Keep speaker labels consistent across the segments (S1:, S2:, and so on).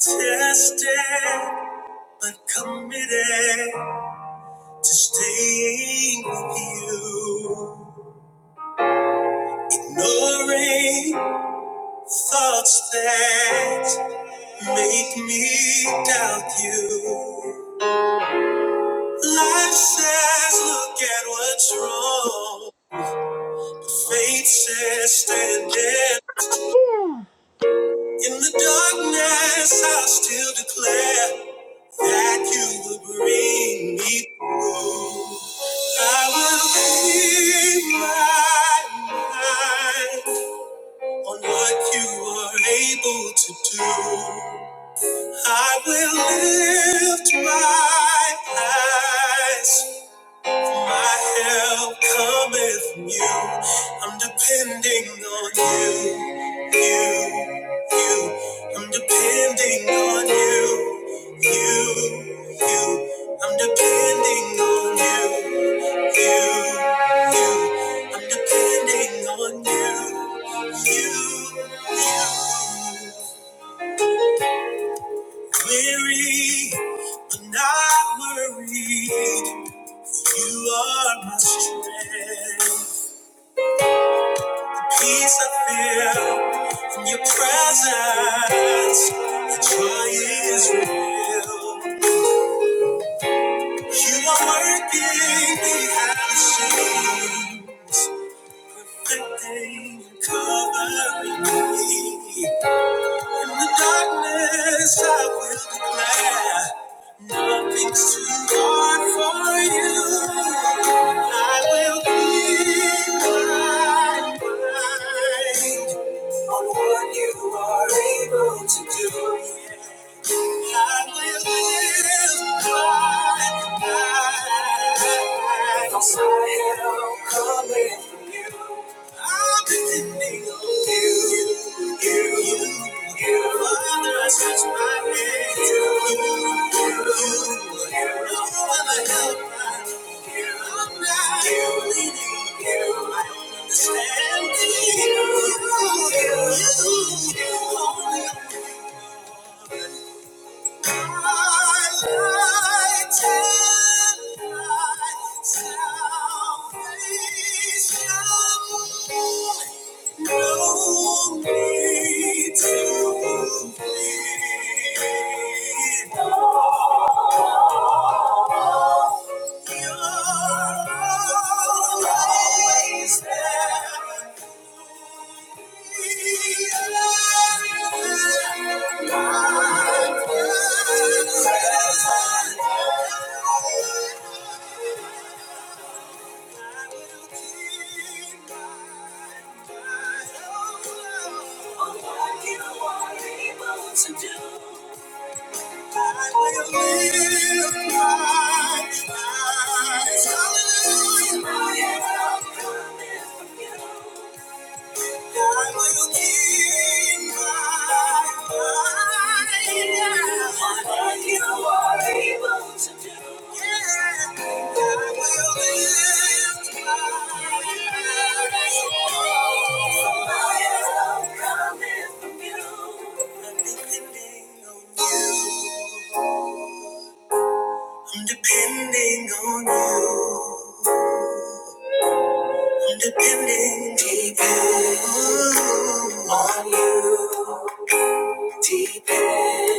S1: Tested, but committed to staying with you. Ignoring thoughts that make me doubt you. Life says, look at what's wrong. Fate says, stand in.
S2: Yeah.
S1: In the darkness, I'll still declare that you will bring me through. I will keep my mind on what you are able to do. I will lift my eyes my help cometh from you. I'm depending on you, you, you. I'm depending on you, you, you. I'm depending on you, you, you. I'm depending on you, you, you. Weary, but not worried. You are my strength. Peace I feel in your presence. The joy is real. You are working behind the scenes, perfecting and covering me. In the darkness, I will declare nothing's too hard for you. I will be my mind. on what you are able to do. Understand you, you, you, you, only Always there. To do, I will live my life. Hallelujah. my help. I'm depending on you. I'm depending on you. On you. Deep end.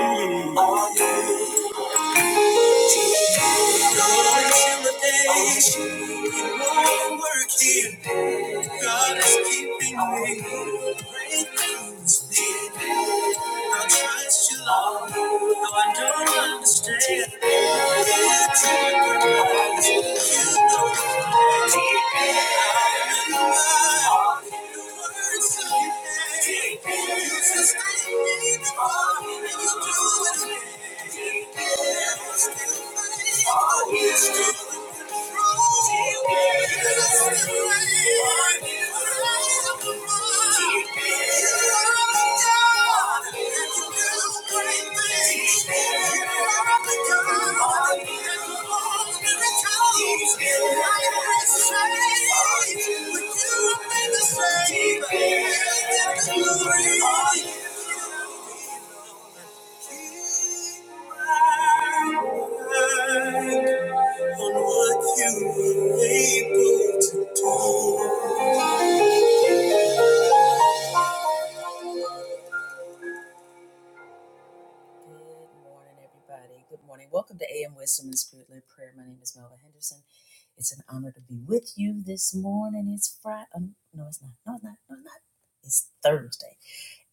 S1: Oh, intimidation. It won't work here. God is keeping me. Breakthroughs deep end. I trust you, Lord. Though I don't understand. It's in your purpose. You know it. All you do is make me fall in love with you again. Thank you. On what you were able to do. Good morning. everybody. Good morning. Welcome to AM Wisdom and Spirit Led Prayer. My name is Melva Henderson. It's an honor to be with you this morning. It's Friday. Um, no, it's not. No, it's not. No, it's not. It's Thursday.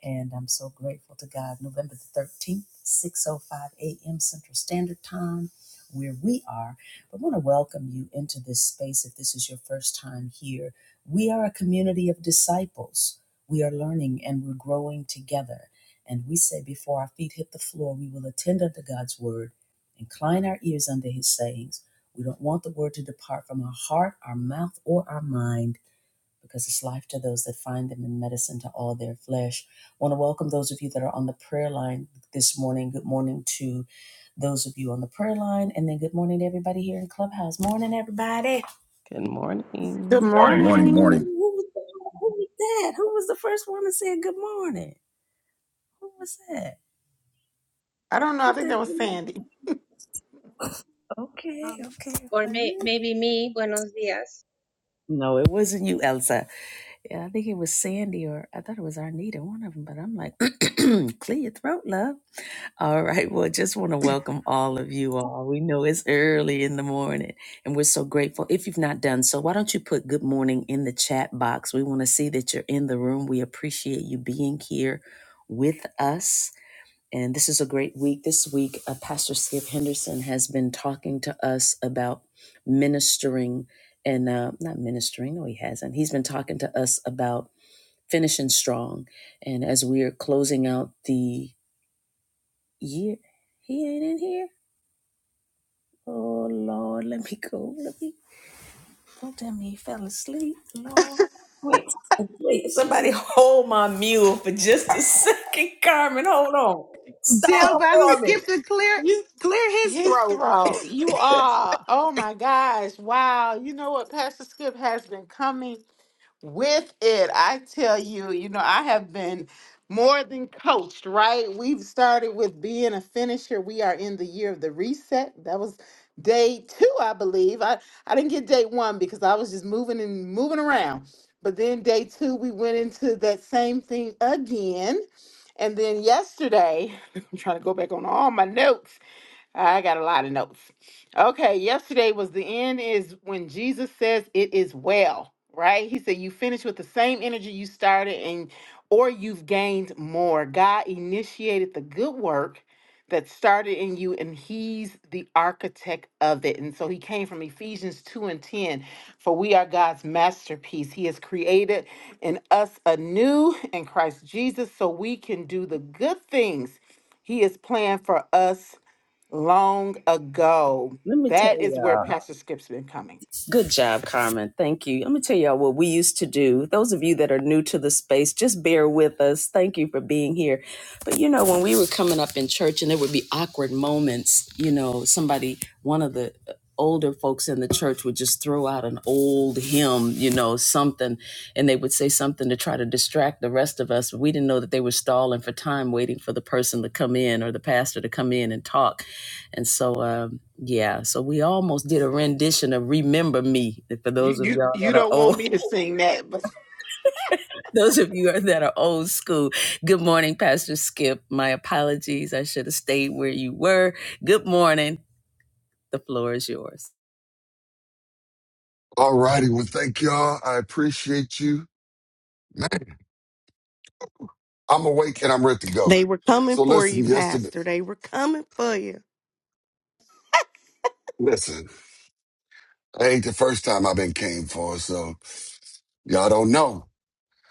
S1: And I'm so grateful to God. November the 13th, 6.05 a.m. Central Standard Time, where we are. I want to welcome you into this space if this is your first time here. We are a community of disciples. We are learning and we're growing together. And we say before our feet hit the floor, we will attend unto God's word, incline our ears unto his sayings. We don't want the word to depart from our heart, our mouth, or our mind because it's life to those that find them and medicine to all their flesh. I want to welcome those of you that are on the prayer line this morning. Good morning to those of you on the prayer line, and then good morning to everybody here in Clubhouse. Morning, everybody.
S3: Good
S4: Good
S3: morning.
S5: Good
S6: Morning.
S5: morning. Good
S4: morning.
S5: morning.
S1: Who was that? Who was that? Who was the first one to say good morning? Who was that?
S4: I don't know. I
S1: What
S4: think
S1: that
S4: that was
S1: mean?
S4: Sandy.
S1: Okay,
S7: Um,
S1: okay.
S7: or
S1: Like,
S7: may,
S1: woo.
S7: maybe me, buenos dias.
S1: no, it wasn't you, Elsa. Yeah, I think it was Sandy, or I thought it was Arnita, one of them. But I'm like, clear your throat, love. All right. Well, just want to welcome all of you all. We know it's early in the morning and we're so grateful. If you've not done so, why don't you put good morning in the chat box? We want to see that you're in the room. We appreciate you being here with us. And this is a great week. This week, uh, Pastor Skip Henderson has been talking to us about ministering and uh, not ministering. No, he hasn't. He's been talking to us about finishing strong. And as we are closing out the yeah, he ain't in here. Oh Lord, let me go. Let me. Don't tell me he fell asleep. Lord, wait, wait. Somebody hold my mule for just a second, Carmen. Hold on.
S8: Tell
S1: Stall
S8: Pastor
S1: for me.
S8: Skip to clear
S4: You,
S8: clear his
S4: his
S8: throat.
S4: throat. You are. Oh my gosh. Wow. You know what? Pastor Skip has been coming with it. I tell you, you know, I have been more than coached, right? We've started with being a finisher. We are in the year of the reset. That was day two, I believe. I, I didn't get day one because I was just moving and moving around. But then day two, we went into that same thing again. And then yesterday, I'm trying to go back on all my notes. I got a lot of notes. Okay, yesterday was the end is when Jesus says it is well, right? He said you finish with the same energy you started and or you've gained more. God initiated the good work that started in you and he's the architect of it. And so he came from Ephesians 2 and 10, for we are God's masterpiece. He has created in us anew in Christ Jesus so we can do the good things he has planned for us long ago.
S1: Let me
S4: That
S1: tell
S4: is
S1: y'all.
S4: where Pastor Skip's been coming.
S1: Good job, Carmen. Thank you. Let me tell y'all what we used to do. Those of you that are new to the space, just bear with us. Thank you for being here. But you know, when we were coming up in church and there would be awkward moments, you know, somebody, one of the uh, older folks in the church would just throw out an old hymn, you know, something, and they would say something to try to distract the rest of us. We didn't know that they were stalling for time waiting for the person to come in or the pastor to come in and talk. And so, um, yeah, so we almost did a rendition of "Remember Me." For
S4: You
S1: those of
S4: you,
S1: y'all
S4: you
S1: that are
S4: don't want
S1: old,
S4: me to sing that, but
S1: those of you that are old school. Good morning, Pastor Skip. My apologies. I should have stayed where you were. Good morning. The floor is yours.
S9: All righty. Well, thank y'all. I appreciate you. Man, I'm awake and I'm ready to go.
S10: They were coming
S9: So
S10: for
S9: listen,
S10: you,
S9: yesterday,
S10: Pastor. They were coming for you.
S9: listen, I ain't the first time I've been came for. So y'all don't know.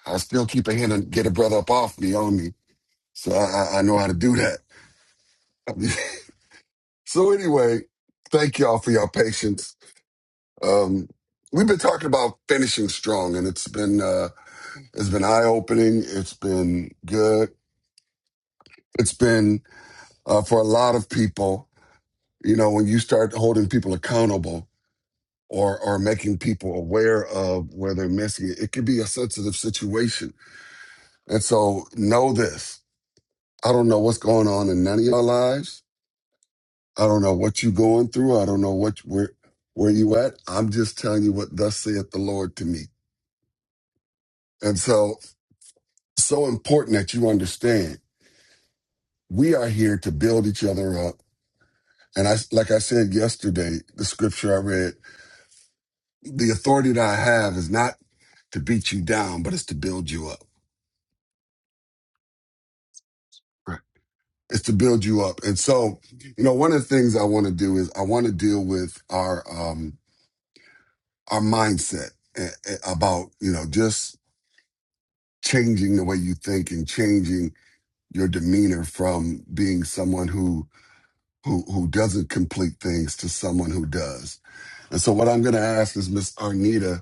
S9: I still keep a hand and get a brother up off me on me. So I, I, I know how to do that. so anyway, thank y'all for your patience. Um, we've been talking about finishing strong and it's been, uh, it's been eye opening. It's been good. It's been, uh, for a lot of people you know when you start holding people accountable or or making people aware of where they're missing it it could be a sensitive situation and so know this i don't know what's going on in none of your lives i don't know what you're going through i don't know what where where you at i'm just telling you what thus saith the lord to me and so so important that you understand we are here to build each other up and i like i said yesterday the scripture i read the authority that i have is not to beat you down, but it's to build you up. Right. It's to build you up. And so, you know, one of the things I want to do is I want to deal with our um our mindset eh, eh, about, you know, just changing the way you think and changing your demeanor from being someone who who who doesn't complete things to someone who does. And so what I'm going to ask is Miss Arnita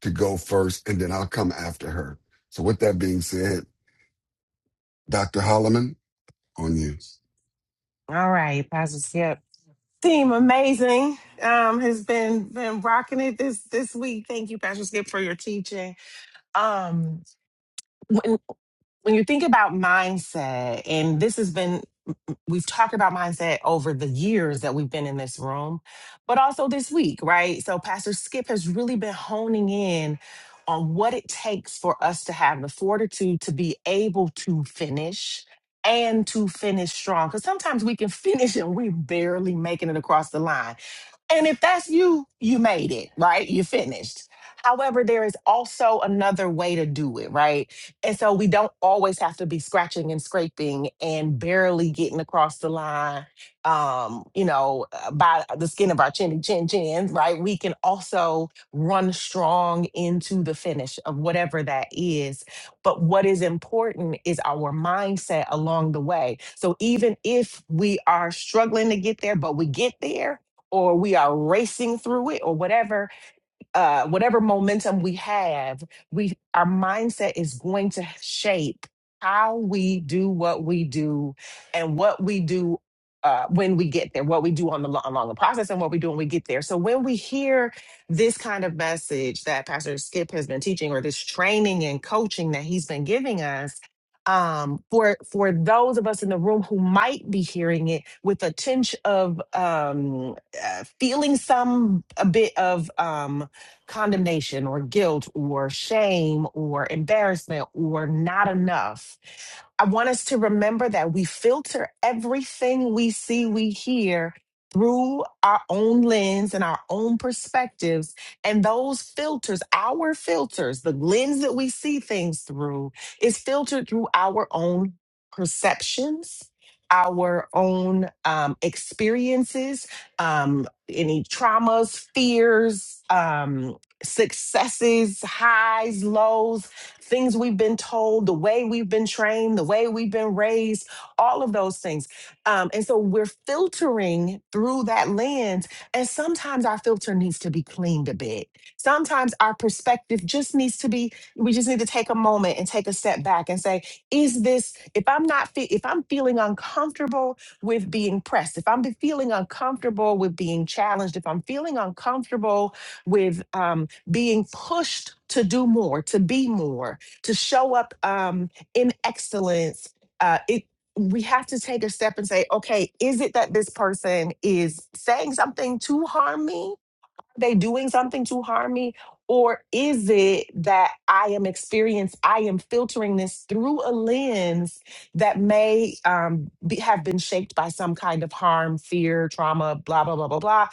S9: to go first and then I'll come after her. So with that being said, Dr. Holloman, on you.
S8: All right, Pastor Skip. Team amazing. Um, has been been rocking it this this week. Thank you, Pastor Skip, for your teaching. Um, when when you think about mindset, and this has been we've talked about mindset over the years that we've been in this room, but also this week, right? So Pastor Skip has really been honing in on what it takes for us to have the fortitude to be able to finish and to finish strong. Because sometimes we can finish and we're barely making it across the line and if that's you, you made it, right? You finished. However, there is also another way to do it, right? And so we don't always have to be scratching and scraping and barely getting across the line, um, you know, uh, by the skin of our chin, chin, chin, right? We can also run strong into the finish of whatever that is. But what is important is our mindset along the way. So even if we are struggling to get there, but we get there, or we are racing through it or whatever uh, whatever momentum we have, we our mindset is going to shape how we do what we do and what we do uh, when we get there, what we do on the lo- along the process, and what we do when we get there. So when we hear this kind of message that Pastor Skip has been teaching, or this training and coaching that he's been giving us. Um, for for those of us in the room who might be hearing it with a tinge of um, uh, feeling some a bit of um, condemnation or guilt or shame or embarrassment or not enough I want us to remember that we filter everything we see, we hear through our own lens and our own perspectives. And those filters, our filters, the lens that we see things through, is filtered through our own perceptions. Our own um, experiences, um, any traumas, fears, um, successes, highs, lows, things we've been told, the way we've been trained, the way we've been raised, all of those things. Um, and so we're filtering through that lens. And sometimes our filter needs to be cleaned a bit. Sometimes our perspective just needs to be, we just need to take a moment and take a step back and say, is this, if I'm not, fe- if I'm feeling uncomfortable with being pressed, if I'm be- feeling uncomfortable with being challenged, if I'm feeling uncomfortable with, um, being pushed to do more, to be more, to show up um, in excellence. Uh, it we have to take a step and say, okay, is it that this person is saying something to harm me? they doing something to harm me or is it that i am experienced i am filtering this through a lens that may um, be, have been shaped by some kind of harm fear trauma blah blah blah blah blah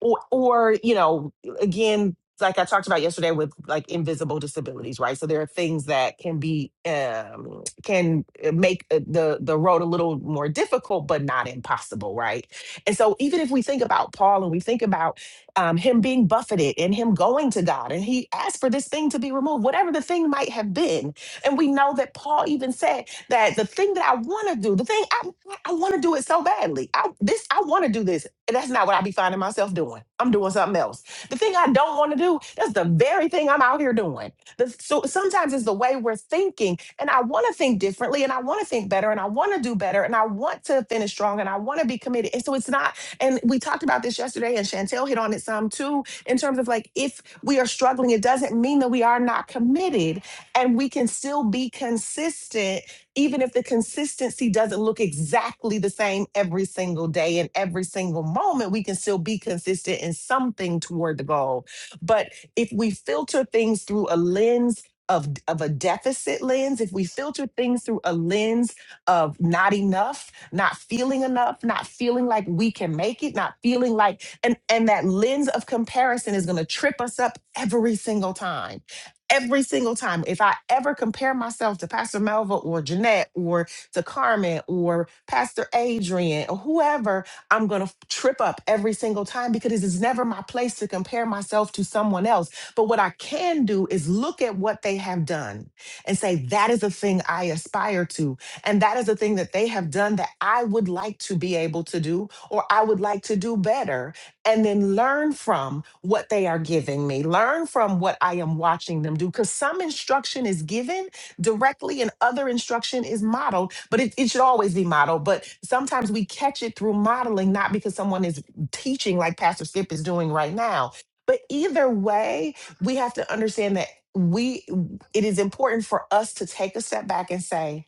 S8: or, or you know again like i talked about yesterday with like invisible disabilities right so there are things that can be um, can uh, make uh, the the road a little more difficult but not impossible right and so even if we think about paul and we think about um, him being buffeted and him going to God. And he asked for this thing to be removed, whatever the thing might have been. And we know that Paul even said that the thing that I want to do, the thing I, I want to do it so badly. I, this I want to do this. And that's not what I be finding myself doing. I'm doing something else. The thing I don't want to do, that's the very thing I'm out here doing. The, so sometimes it's the way we're thinking. And I want to think differently and I want to think better and I want to do better and I want to finish strong and I want to be committed. And so it's not and we talked about this yesterday, and Chantel hit on it some too, in terms of like if we are struggling, it doesn't mean that we are not committed and we can still be consistent, even if the consistency doesn't look exactly the same every single day and every single moment, we can still be consistent in something toward the goal. But if we filter things through a lens, of, of a deficit lens, if we filter things through a lens of not enough, not feeling enough, not feeling like we can make it, not feeling like and and that lens of comparison is going to trip us up every single time. Every single time, if I ever compare myself to Pastor Melva or Jeanette or to Carmen or Pastor Adrian or whoever, I'm going to trip up every single time because it is never my place to compare myself to someone else. But what I can do is look at what they have done and say, that is a thing I aspire to and that is the thing that they have done that I would like to be able to do, or I would like to do better, and then learn from what they are giving me, learn from what I am watching them do. Because some instruction is given directly and other instruction is modeled, but it, it should always be modeled. But sometimes we catch it through modeling, not because someone is teaching like Pastor Skip is doing right now. But either way, we have to understand that we it is important for us to take a step back and say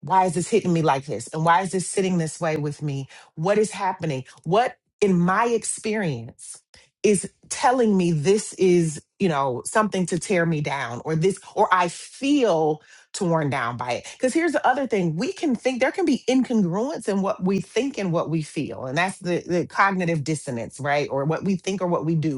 S8: why is this hitting me like this? And why is this sitting this way with me? What is happening? What in my experience is telling me this is, you know, something to tear me down or this, or I feel torn down by it? Because here's the other thing we can think there can be incongruence in what we think and what we feel. And that's the, the cognitive dissonance, right? Or what we think or what we do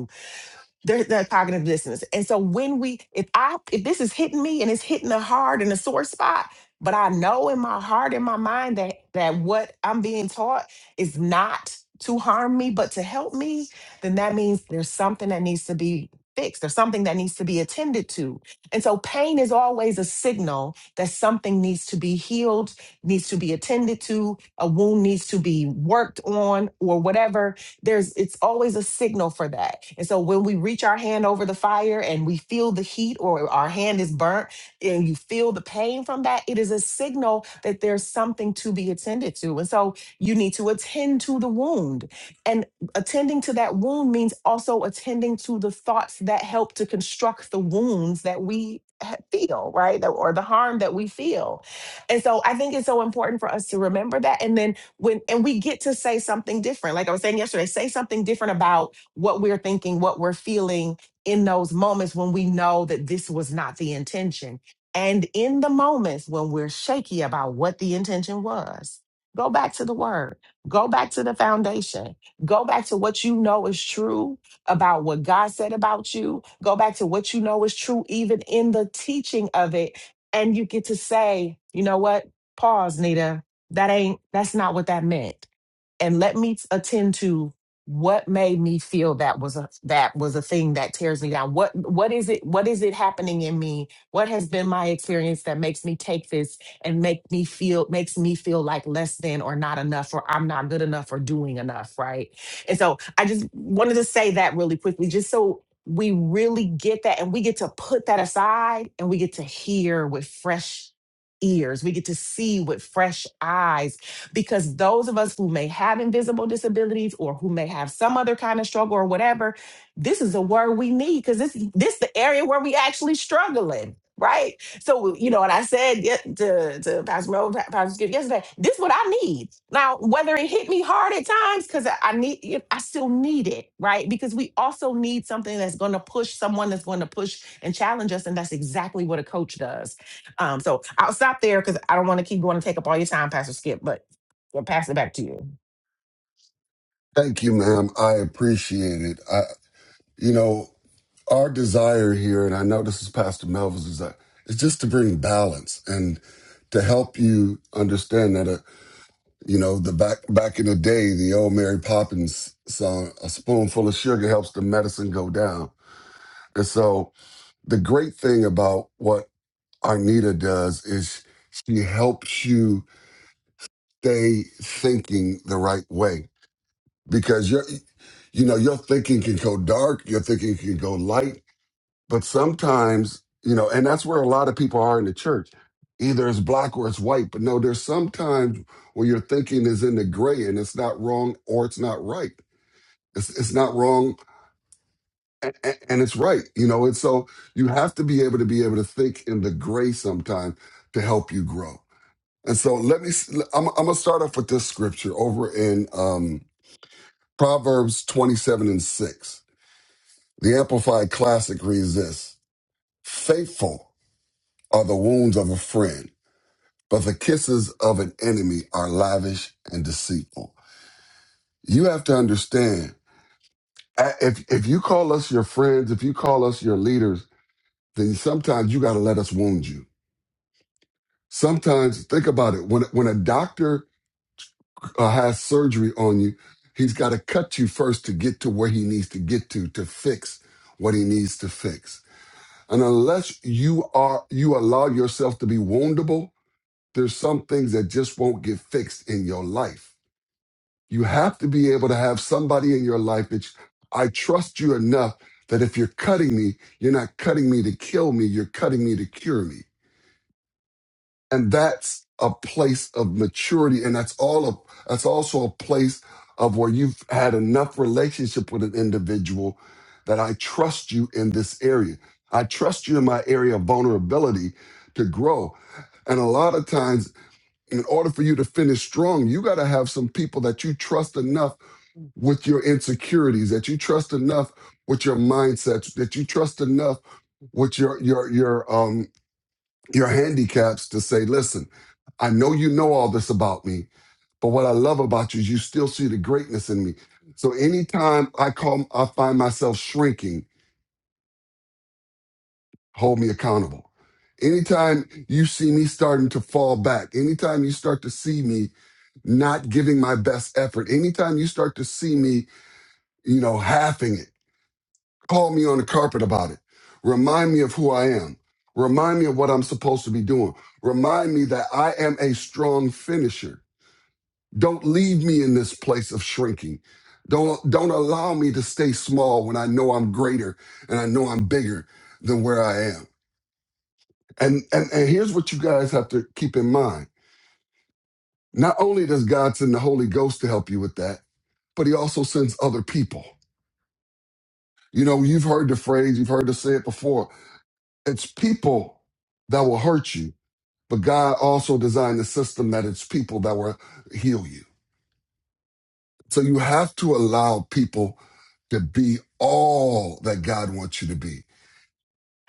S8: they're, they're cognitive dissonance. And so when we, if I, if this is hitting me and it's hitting a hard and a sore spot, but I know in my heart, in my mind that that what I'm being taught is not to harm me, but to help me, then that means there's something that needs to be fixed. There's something that needs to be attended to. And so pain is always a signal that something needs to be healed, needs to be attended to, a wound needs to be worked on, or whatever there's it's always a signal for that and so when we reach our hand over the fire and we feel the heat or our hand is burnt and you feel the pain from that it is a signal that there's something to be attended to and so you need to attend to the wound and attending to that wound means also attending to the thoughts that help to construct the wounds that we ha- feel right That- or the harm that we feel and so i think it's so important for us to remember that and then when and we get to say something different like i was saying yesterday say something different about what we're thinking what we're feeling in those moments when we know that this was not the intention and in the moments when we're shaky about what the intention was go back to the word go back to the foundation go back to what you know is true about what god said about you go back to what you know is true even in the teaching of it and you get to say you know what pause nita that ain't that's not what that meant and let me attend to what made me feel that was a that was a thing that tears me down what what is it what is it happening in me what has been my experience that makes me take this and make me feel makes me feel like less than or not enough or i'm not good enough or doing enough right and so i just wanted to say that really quickly just so we really get that and we get to put that aside and we get to hear with fresh ears we get to see with fresh eyes because those of us who may have invisible disabilities or who may have some other kind of struggle or whatever, this is a word we need because this this the area where we actually struggling. Right. So, you know, and I said ye- to, to Pastor Mo, Pa- Pastor Skip yesterday, this is what I need. Now, whether it hit me hard at times, because I I need it, I still need it, right? Because we also need something that's going to push someone that's going to push and challenge us. And that's exactly what a coach does. Um, so I'll stop there because I don't want to keep going and take up all your time, Pastor Skip. But We'll pass it back to you.
S9: Thank you, ma'am. I appreciate it. I, you know, our desire here, and I know this is Pastor Melvin's desire, is just to bring balance and to help you understand that, uh, you know, the back back in the day, the old Mary Poppins song, "A spoonful of sugar helps the medicine go down." And so, the great thing about what Arnita does is she helps you stay thinking the right way because you're you know your thinking can go dark your thinking can go light but sometimes you know and that's where a lot of people are in the church either it's black or it's white but no there's sometimes where your thinking is in the gray and it's not wrong or it's not right it's, it's not wrong and, and it's right you know and so you have to be able to be able to think in the gray sometimes to help you grow and so let me s- i'm, I'm gonna start off with this scripture over in um, proverbs 27 and 6 The Amplified Classic reads this Faithful are the wounds of a friend, but the kisses of an enemy are lavish and deceitful. You have to understand if, if you call us your friends, if you call us your leaders, then sometimes you got to let us wound you. Sometimes, think about it when, when a doctor uh, has surgery on you, he's got to cut you first to get to where he needs to get to, to fix what he needs to fix. And unless you are you allow yourself to be woundable, there's some things that just won't get fixed in your life. You have to be able to have somebody in your life that you- I trust you enough that if you're cutting me, you're not cutting me to kill me, you're cutting me to cure me and that's a place of maturity and that's all a, that's also a place of where you've had enough relationship with an individual that I trust you in this area. I trust you in my area of vulnerability to grow. And a lot of times in order for you to finish strong, you got to have some people that you trust enough with your insecurities, that you trust enough with your mindsets, that you trust enough with your your your um your handicaps to say, listen, I know you know all this about me, but what I love about you is you still see the greatness in me. So anytime I call, I find myself shrinking, hold me accountable. Anytime you see me starting to fall back, anytime you start to see me not giving my best effort, anytime you start to see me, you know, halving it, Call me on the carpet about it. Remind me of who I am. Remind me of what I'm supposed to be doing. Remind me that I am a strong finisher. Don't leave me in this place of shrinking. Don't don't allow me to stay small when I know I'm greater and I know I'm bigger than where I am. And and, and here's what you guys have to keep in mind. Not only does God send the Holy Ghost to help you with that, but he also sends other people. You know, you've heard the phrase, you've heard us say it before It's people that will hurt you, but God also designed the system that it's people that will heal you. So you have to allow people to be all that God wants you to be.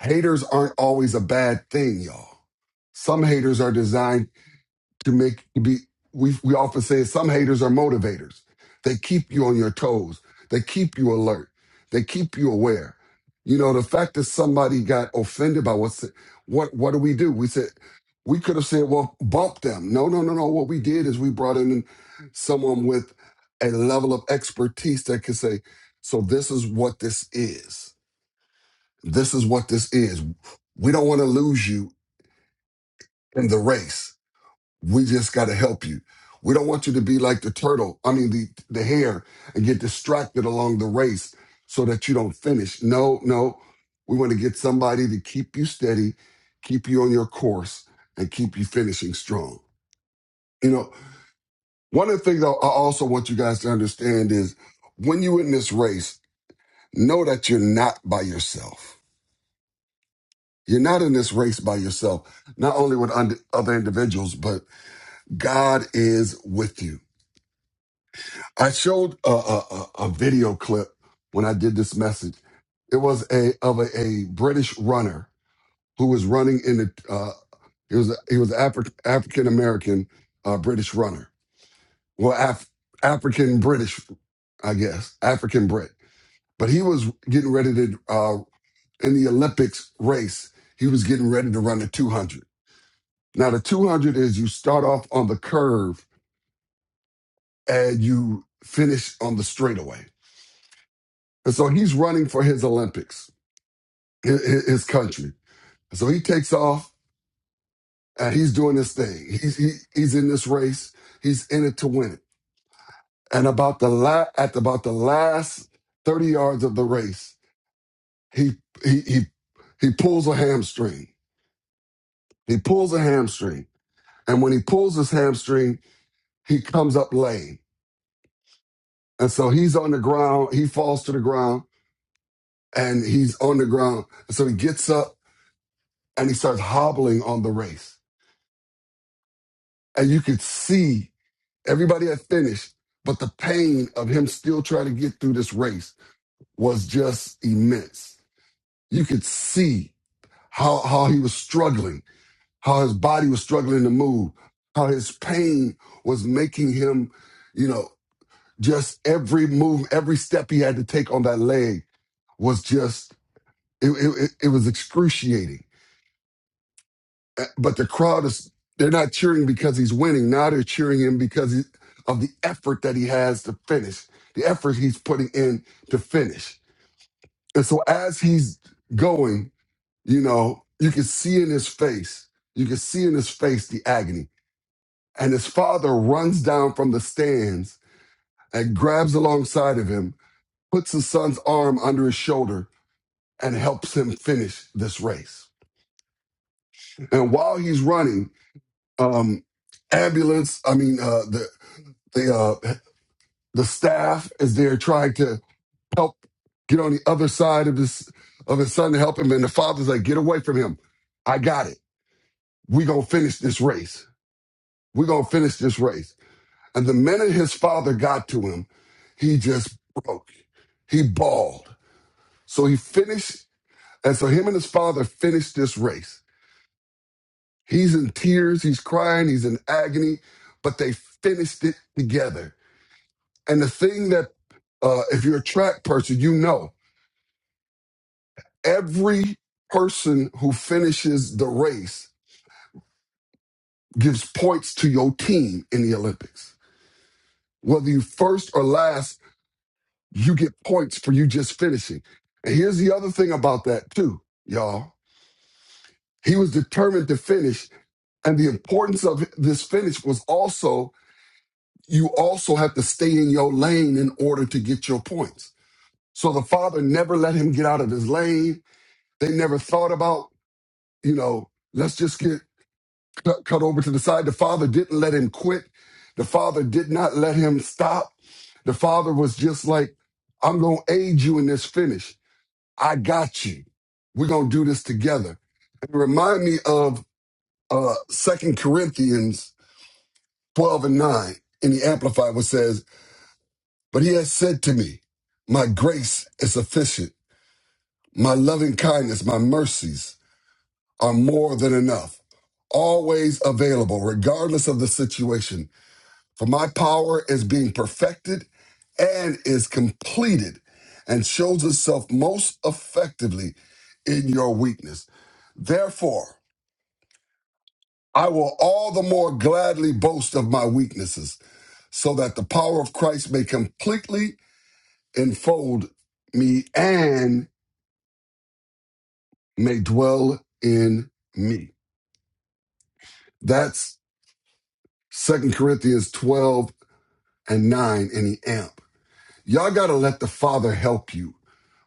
S9: Haters aren't always a bad thing, y'all. Some haters are designed to make to be we we often say some haters are motivators. They keep you on your toes. They keep you alert. They keep you aware. You know, the fact that somebody got offended by what's what what do we do? We said we could have said, well, bump them. No, no, no, no. What we did is we brought in someone with a level of expertise that could say, so this is what this is. This is what this is. We don't want to lose you in the race. We just got to help you. We don't want you to be like the turtle, I mean, the, the hare, and get distracted along the race so that you don't finish. No, no. We want to get somebody to keep you steady, keep you on your course, and keep you finishing strong. You know, one of the things I I also want you guys to understand is when you're in this race, know that you're not by yourself. You're not in this race by yourself, not only with und- other individuals, but God is with you. I showed a, a, a a video clip when I did this message. It was a of a, a British runner who was running in the. Uh, he was he was Afri- African American uh, British runner. Well, Af- African British, I guess African Brit. But he was getting ready to uh, in the Olympics race. He was getting ready to run the 200. Now the 200 is you start off on the curve and you finish on the straightaway. And so he's running for his Olympics his, his country. So he takes off and he's doing this thing. He's he, he's in this race. He's in it to win it. And about the la- at about the last thirty yards of the race, he he he he pulls a hamstring. He pulls a hamstring, and when he pulls his hamstring, he comes up lame. And so he's on the ground. He falls to the ground, and he's on the ground. And so he gets up and he starts hobbling on the race, and you could see Everybody had finished, but the pain of him still trying to get through this race was just immense. You could see how, how he was struggling, how his body was struggling to move, how his pain was making him, you know, just every move, every step he had to take on that leg was just, it, it, it was excruciating. Uh, But the crowd is, they're not cheering because he's winning. Now they're cheering him because he, of the effort that he has to finish, the effort he's putting in to finish. And so as he's going, you know, you can see in his face, you can see in his face the agony. And his father runs down from the stands and grabs alongside of him, puts his son's arm under his shoulder, and helps him finish this race. And while he's running, um, ambulance, I mean, uh, the the uh, the staff is there trying to help get on the other side of his of his son to help him, and the father's like, "Get away from him! I got it. We gonna finish this race. We gonna finish this race." And the minute his father got to him, he just broke. He bawled. So he finished, and so him and his father finished this race. He's in tears. He's crying. He's in agony, but they finished it together. And the thing that uh, if you're a track person, you know every person who finishes the race gives points to your team in the Olympics. Whether you first or last, you get points for you just finishing. And here's the other thing about that too, y'all. He was determined to finish, and the importance of this finish was also you also have to stay in your lane in order to get your points. So the father never let him get out of his lane. They never thought about, you know, let's just get cut over to the side. The father didn't let him quit. The father did not let him stop. The father was just like, I'm going to aid you in this finish. I got you. We're going to do this together. It remind me of uh, 2 Corinthians 12 and 9 in the Amplified, which says, But he has said to me, My grace is sufficient. My loving kindness, my mercies are more than enough always available, regardless of the situation. For my power is being perfected and is completed and shows itself most effectively in your weakness. Therefore, I will all the more gladly boast of my weaknesses so that the power of Christ may completely enfold me and may dwell in me. That's Second Corinthians 12 and 9 in the AMP. Y'all got to let the Father help you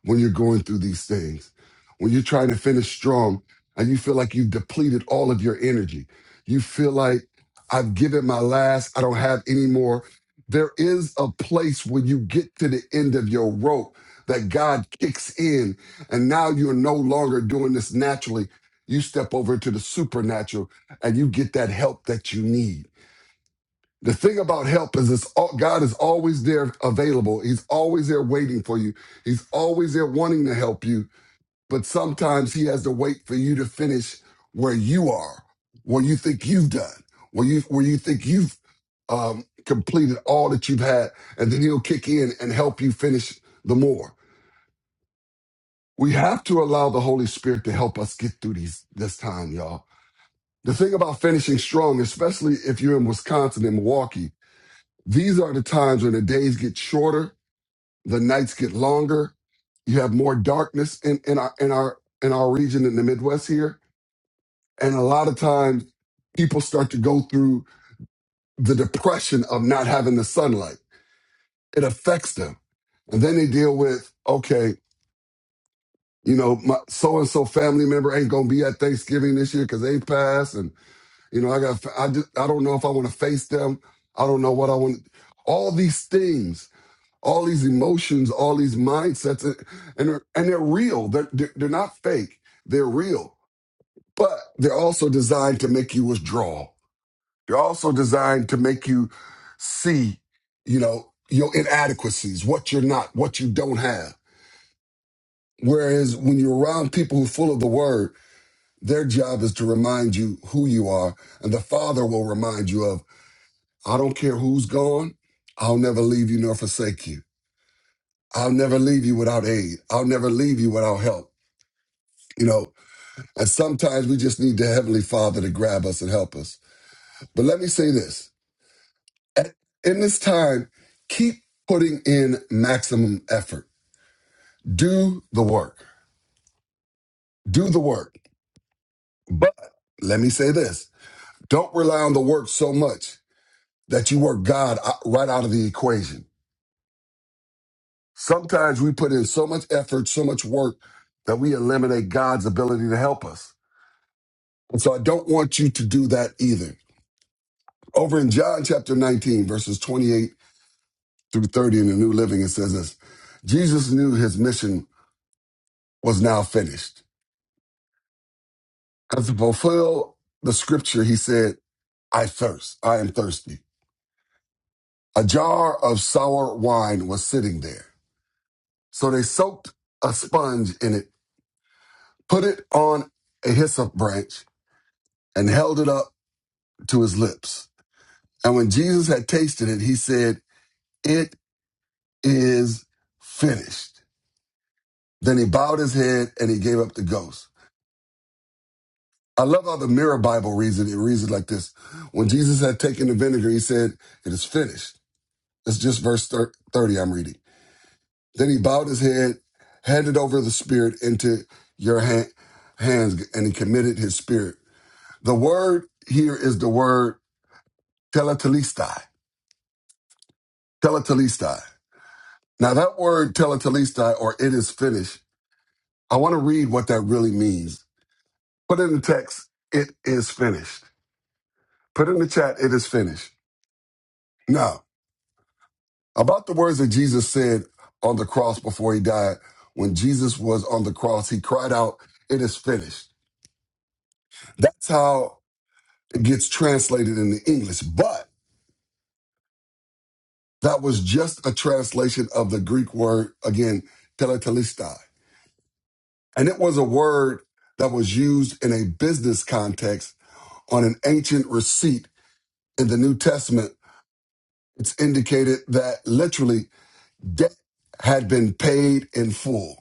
S9: when you're going through these things, when you're trying to finish strong and you feel like you've depleted all of your energy. You feel like I've given my last, I don't have any more. There is a place when you get to the end of your rope that God kicks in, and now you're no longer doing this naturally. You step over to the supernatural and you get that help that you need the thing about help is this God is always there available. He's always there waiting for you. He's always there wanting to help you, but sometimes he has to wait for you to finish where you are, where you think you've done, where you where you think you've um, completed all that you've had, and then he'll kick in and help you finish the more. We have to allow the Holy Spirit to help us get through these this time, y'all. The thing about finishing strong, especially if you're in Wisconsin and Milwaukee, These are the times when the days get shorter, the nights get longer. You have more darkness in, in our in our in our region in the Midwest here. And a lot of times people start to go through the depression of not having the sunlight. It affects them. And then they deal with, okay, you know, my so and so family member ain't gonna be at Thanksgiving this year because they passed, and you know, I got I just I don't know if I want to face them. I don't know what I want. All these things all these emotions, all these mindsets, and and they're, and they're real. They're, they're they're not fake. They're real, but they're also designed to make you withdraw. They're also designed to make you see, you know, your inadequacies, what you're not, what you don't have. Whereas when you're around people who are full of the word, their job is to remind you who you are, and the Father will remind you of, I don't care who's gone, I'll never leave you nor forsake you. I'll never leave you without aid. I'll never leave you without help. You know, and sometimes we just need the Heavenly Father to grab us and help us. But let me say this At- in this time, keep putting in maximum effort. Do the work. Do the work. But let me say this don't rely on the work so much that you work God out- right out of the equation. Sometimes we put in so much effort, so much work that we eliminate God's ability to help us. And so I don't want you to do that either. Over in John chapter 19, verses 28 through 30 in the New Living, it says this Jesus knew his mission was now finished. And to fulfill the scripture, he said, I thirst. I am thirsty. A jar of sour wine was sitting there. So they soaked a sponge in it, put it on a hyssop branch, and held it up to his lips. And when Jesus had tasted it, he said, It is finished. Then he bowed his head and he gave up the ghost. I love how the Mirror Bible reads it. It reads it like this. When Jesus had taken the vinegar, he said, It is finished. It's just verse 30 I'm reading. Then he bowed his head, handed over the spirit into your ha- hands, and he committed his spirit. The word here is the word teletelestai. Teletelestai. Now, that word teletelestai, or it is finished, I want to read what that really means. Put in the text, it is finished. Put in the chat, it is finished. Now. About the words that Jesus said on the cross before he died, when Jesus was on the cross, he cried out, It is finished. That's how it gets translated into English. But that was just a translation of the Greek word, again, teletelestai. And it was a word that was used in a business context on an ancient receipt in the New Testament. It's indicated that literally debt had been paid in full.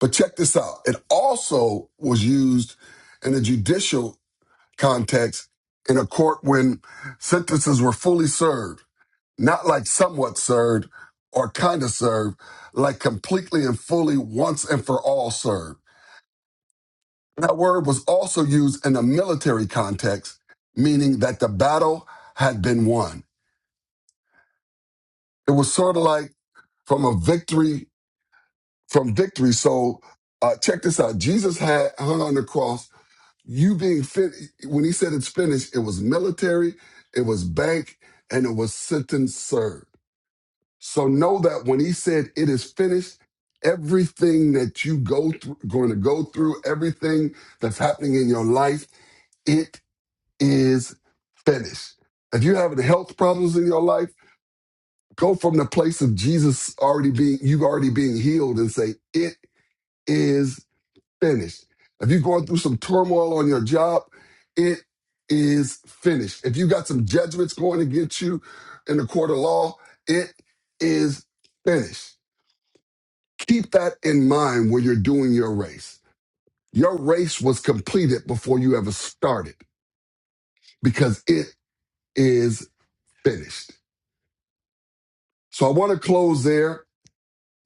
S9: But check this out. It also was used in a judicial context in a court when sentences were fully served, not like somewhat served or kind of served, like completely and fully once and for all served. That word was also used in a military context, meaning that the battle had been won. It was sort of like from a victory, from victory. So uh, check this out. Jesus had hung on the cross you being fit when he said it's finished it was military it was bank and it was sentence served so know that when he said it is finished everything that you go through going to go through everything that's happening in your life it is finished if you're having health problems in your life go from the place of jesus already being you already being healed and say it is finished. If you're going through some turmoil on your job, it is finished. If you got some judgments going against you in the court of law, it is finished. Keep that in mind when you're doing your race. Your race was completed before you ever started because it is finished. So I want to close there.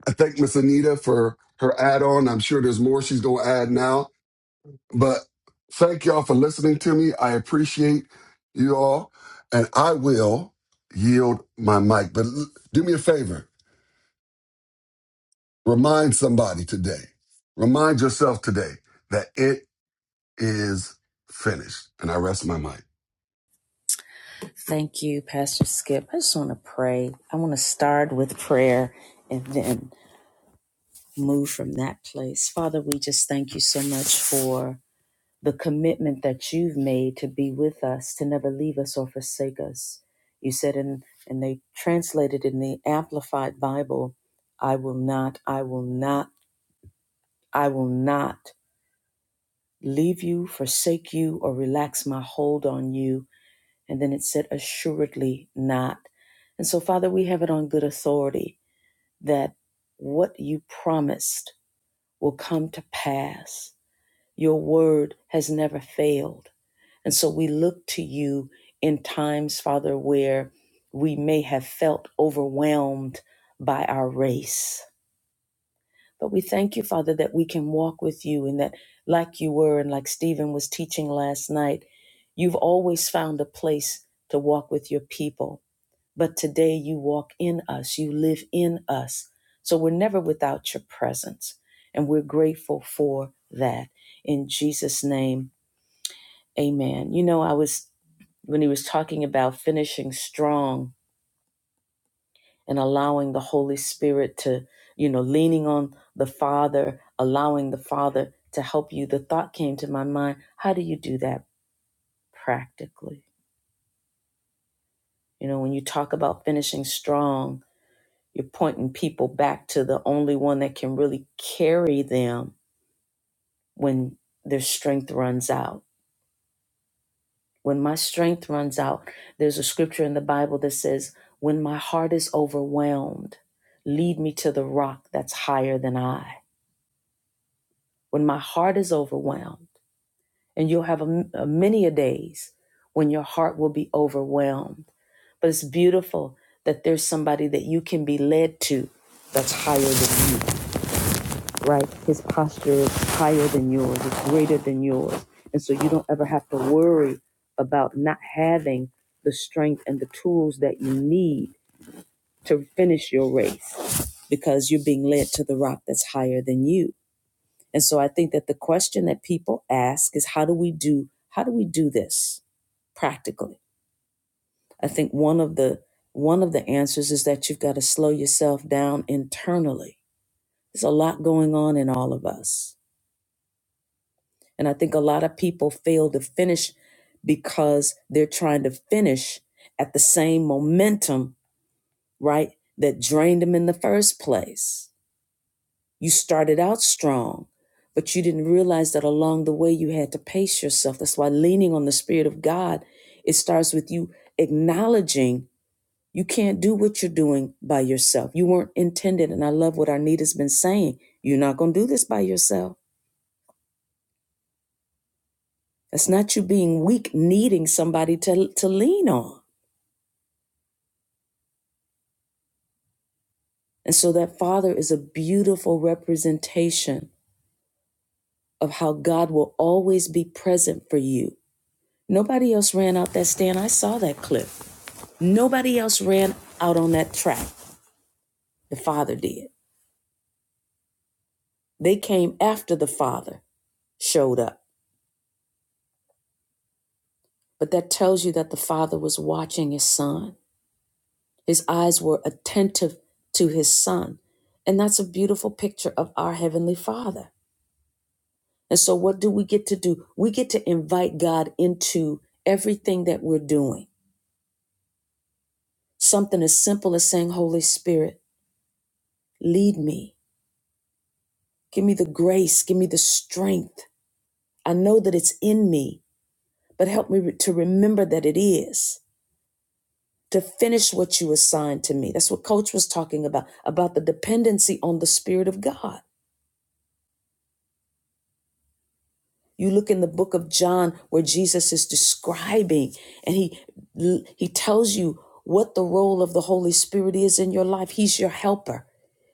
S9: I thank Miss Anita for her add on. I'm sure there's more she's going to add now. But thank y'all for listening to me. I appreciate you all. And I will yield my mic. But l- do me a favor remind somebody today, remind yourself today that it is finished. And I rest my mic.
S1: Thank you, Pastor Skip. I just want to pray. I want to start with prayer and then move from that place. Father, we just thank you so much for. the commitment that you've made to be with us, to never leave us or forsake us. You said, in, and they translated in the Amplified Bible, I will not, I will not, I will not leave you, forsake you, or relax my hold on you. And then it said, assuredly not. And so, Father, we have it on good authority that what you promised will come to pass. Your word has never failed. And so we look to you in times, Father, where we may have felt overwhelmed by our race. But we thank you, Father, that we can walk with you and that, like you were and like Stephen was teaching last night, you've always found a place to walk with your people. But today you walk in us, you live in us. So we're never without your presence. And we're grateful for that. In Jesus' name, amen. You know, I was when he was talking about finishing strong and allowing the Holy Spirit to, you know, leaning on the Father, allowing the Father to help you, the thought came to my mind how do you do that practically? You know, when you talk about finishing strong, you're pointing people back to the only one that can really carry them when their strength runs out When my strength runs out, there's a scripture in the Bible that says, When my heart is overwhelmed, lead me to the rock that's higher than I. When my heart is overwhelmed, and you'll have a, a many a days when your heart will be overwhelmed. But it's beautiful that there's somebody that you can be led to that's higher than you. right? His posture is higher than yours, it's greater than yours. And so you don't ever have to worry about not having the strength and the tools that you need to finish your race because you're being led to the rock that's higher than you. And so I think that the question that people ask is how do we do how do we do this practically? I think one of the one of the answers is that you've got to slow yourself down internally. There's a lot going on in all of us And I think a lot of people fail to finish because they're trying to finish at the same momentum, right? That drained them in the first place. You started out strong, but you didn't realize that along the way you had to pace yourself. That's why leaning on the Spirit of God, it starts with you acknowledging you can't do what you're doing by yourself. You weren't intended. And I love what Arnita's been saying. You're not going to do this by yourself. That's not you being weak, needing somebody to, to lean on. And so that father is a beautiful representation of how God will always be present for you. Nobody else ran out that stand. I saw that clip. Nobody else ran out on that track. The father did. They came after the father showed up. But that tells you that the father was watching his son. His eyes were attentive to his son. And that's a beautiful picture of our heavenly father. And so, what do we get to do? We get to invite God into everything that we're doing. Something as simple as saying, Holy Spirit, lead me. Give me the grace. Give me the strength. I know that it's in me, but help me re- to remember that it is, to finish what you assigned to me. That's what Coach was talking about, about the dependency on the Spirit of God. You look in the book of John where Jesus is describing and he he tells you what the role of the Holy Spirit is in your life. He's your helper,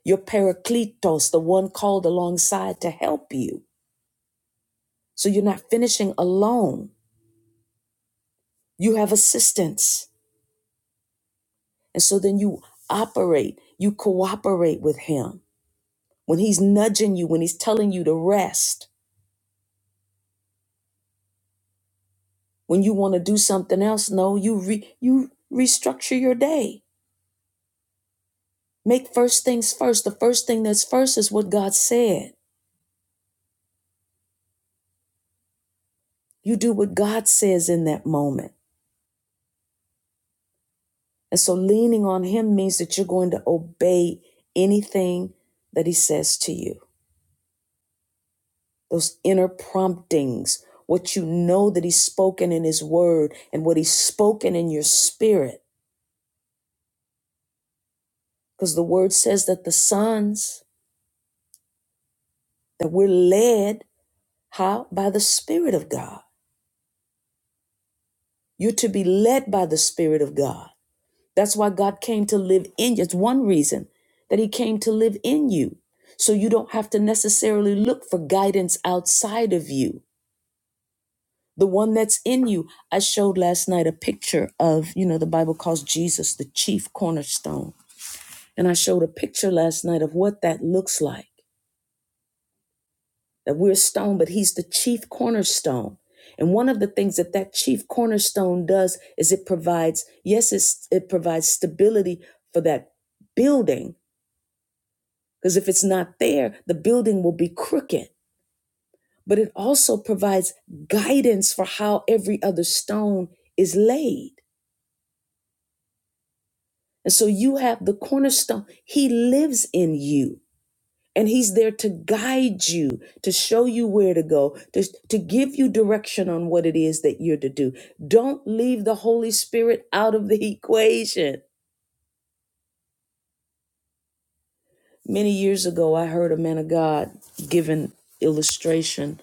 S1: your parakletos, the one called alongside to help you. So you're not finishing alone. You have assistance. And so then you operate, you cooperate with him. When he's nudging you, when he's telling you to rest, when you want to do something else, no, you re- you restructure your day Make first things first. The first thing that's first is what God said. You do what God says in that moment. And so leaning on Him means that you're going to obey anything that He says to you. Those inner promptings, what you know that He's spoken in His Word and what He's spoken in your spirit. Because the Word says that the sons, that we're led, how? By the Spirit of God. You're to be led by the Spirit of God. That's why God came to live in you. It's one reason that He came to live in you. So you don't have to necessarily look for guidance outside of you. The one that's in you. I showed last night a picture of, you know, the Bible calls Jesus the chief cornerstone. And I showed a picture last night of what that looks like that we're stone, but He's the chief cornerstone. And one of the things that that chief cornerstone does is it provides, yes, it's, it provides stability for that building, Because if it's not there, the building will be crooked. But it also provides guidance for how every other stone is laid. And so you have the cornerstone. He lives in you. And he's there to guide you, to show you where to go, to, to give you direction on what it is that you're to do. Don't leave the Holy Spirit out of the equation. Many years ago, I heard a man of God give an illustration.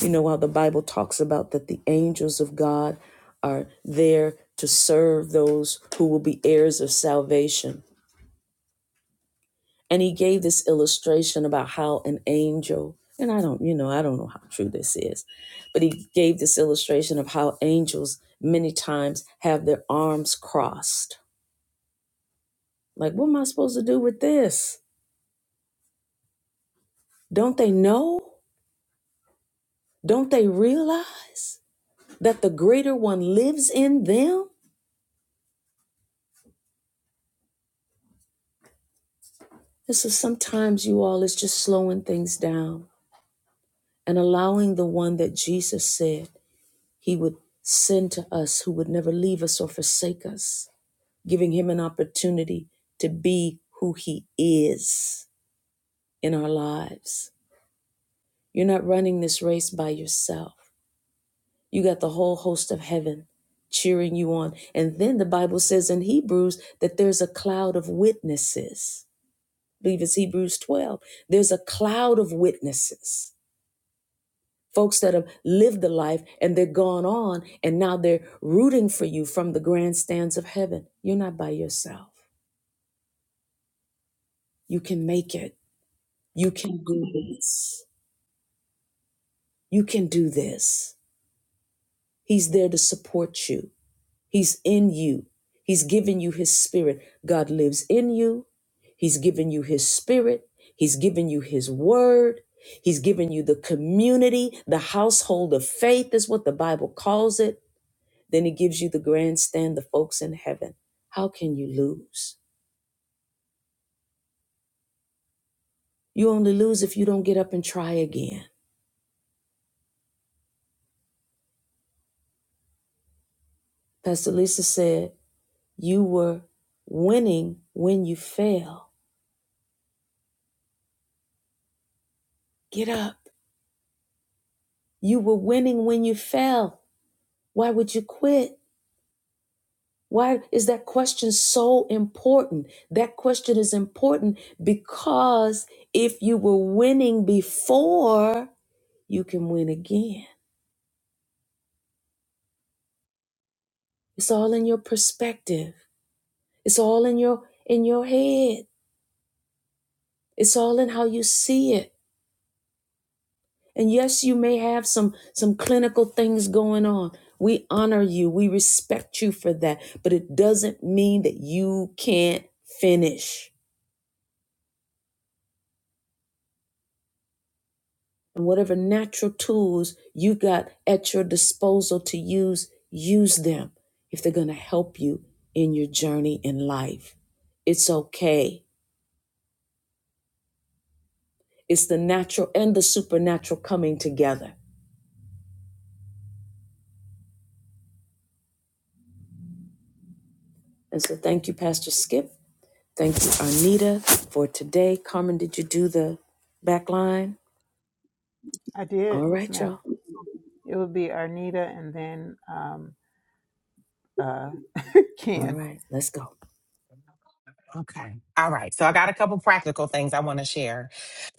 S1: You know how the Bible talks about that the angels of God are there to serve those who will be heirs of salvation. And he gave this illustration about how an angel, and I don't, you know, I don't know how true this is, but he gave this illustration of how angels many times have their arms crossed. Like, what am I supposed to do with this? Don't they know? Don't they realize? that the greater one lives in them. And so sometimes you all is just slowing things down and allowing the one that Jesus said he would send to us who would never leave us or forsake us, giving him an opportunity to be who he is in our lives. You're not running this race by yourself. You got the whole host of heaven cheering you on. And then the Bible says in Hebrews that there's a cloud of witnesses I believe it's Hebrews 12. There's a cloud of witnesses, folks that have lived the life and they're gone on and now they're rooting for you from the grandstands of heaven. You're not by yourself. You can make it. You can do this. You can do this. He's there to support you. He's in you. He's given you his spirit. God lives in you. He's given you his spirit. He's given you his word. He's given you the community, the household of faith is what the Bible calls it. Then he gives you the grandstand, the folks in heaven. How can you lose? You only lose if you don't get up and try again. Pastor Lisa said, You were winning when you fell. Get up. You were winning when you fell. Why would you quit? Why is that question so important? That question is important because if you were winning before, you can win again. It's all in your perspective. It's all in your in your head. It's all in how you see it. And yes, you may have some some clinical things going on. We honor you. We respect you for that, but it doesn't mean that you can't finish. and whatever natural tools you got at your disposal to use, use them if they're going to help you in your journey in life. It's okay. It's the natural and the supernatural coming together. And so thank you, Pastor Skip. Thank you, Arnita, for today. Carmen, did you do the back line?
S4: I did,
S1: All
S4: yes,
S1: right,
S4: ma'am.
S1: y'all.
S4: It would be Arnita and then um, uh,
S1: All
S4: Ken.
S1: right, let's go.
S8: Okay. All right. So I got a couple practical things I want to share.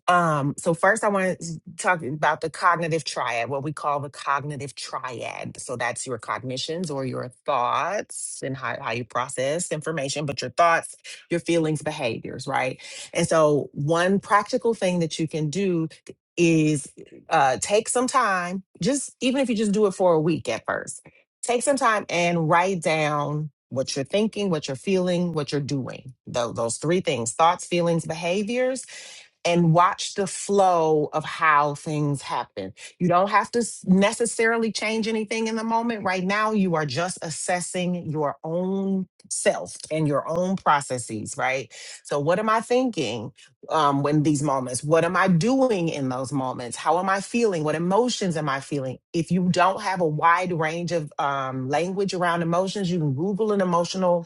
S8: Um, so first I want to talk about the cognitive triad, what we call the cognitive triad. So that's your cognitions or your thoughts and how, how you process information, but your thoughts, your feelings, behaviors, right? And so one practical thing that you can do is uh take some time, just even if you just do it for a week at first, take some time and write down what you're thinking, what you're feeling, what you're doing. Tho- those three things, thoughts, feelings, behaviors and watch the flow of how things happen. You don't have to s- necessarily change anything in the moment. Right now, you are just assessing your own self and your own processes, right? So, what am I thinking um, when these moments? What am I doing in those moments? How am I feeling? What emotions am I feeling? If you don't have a wide range of um, language around emotions, you can Google an emotional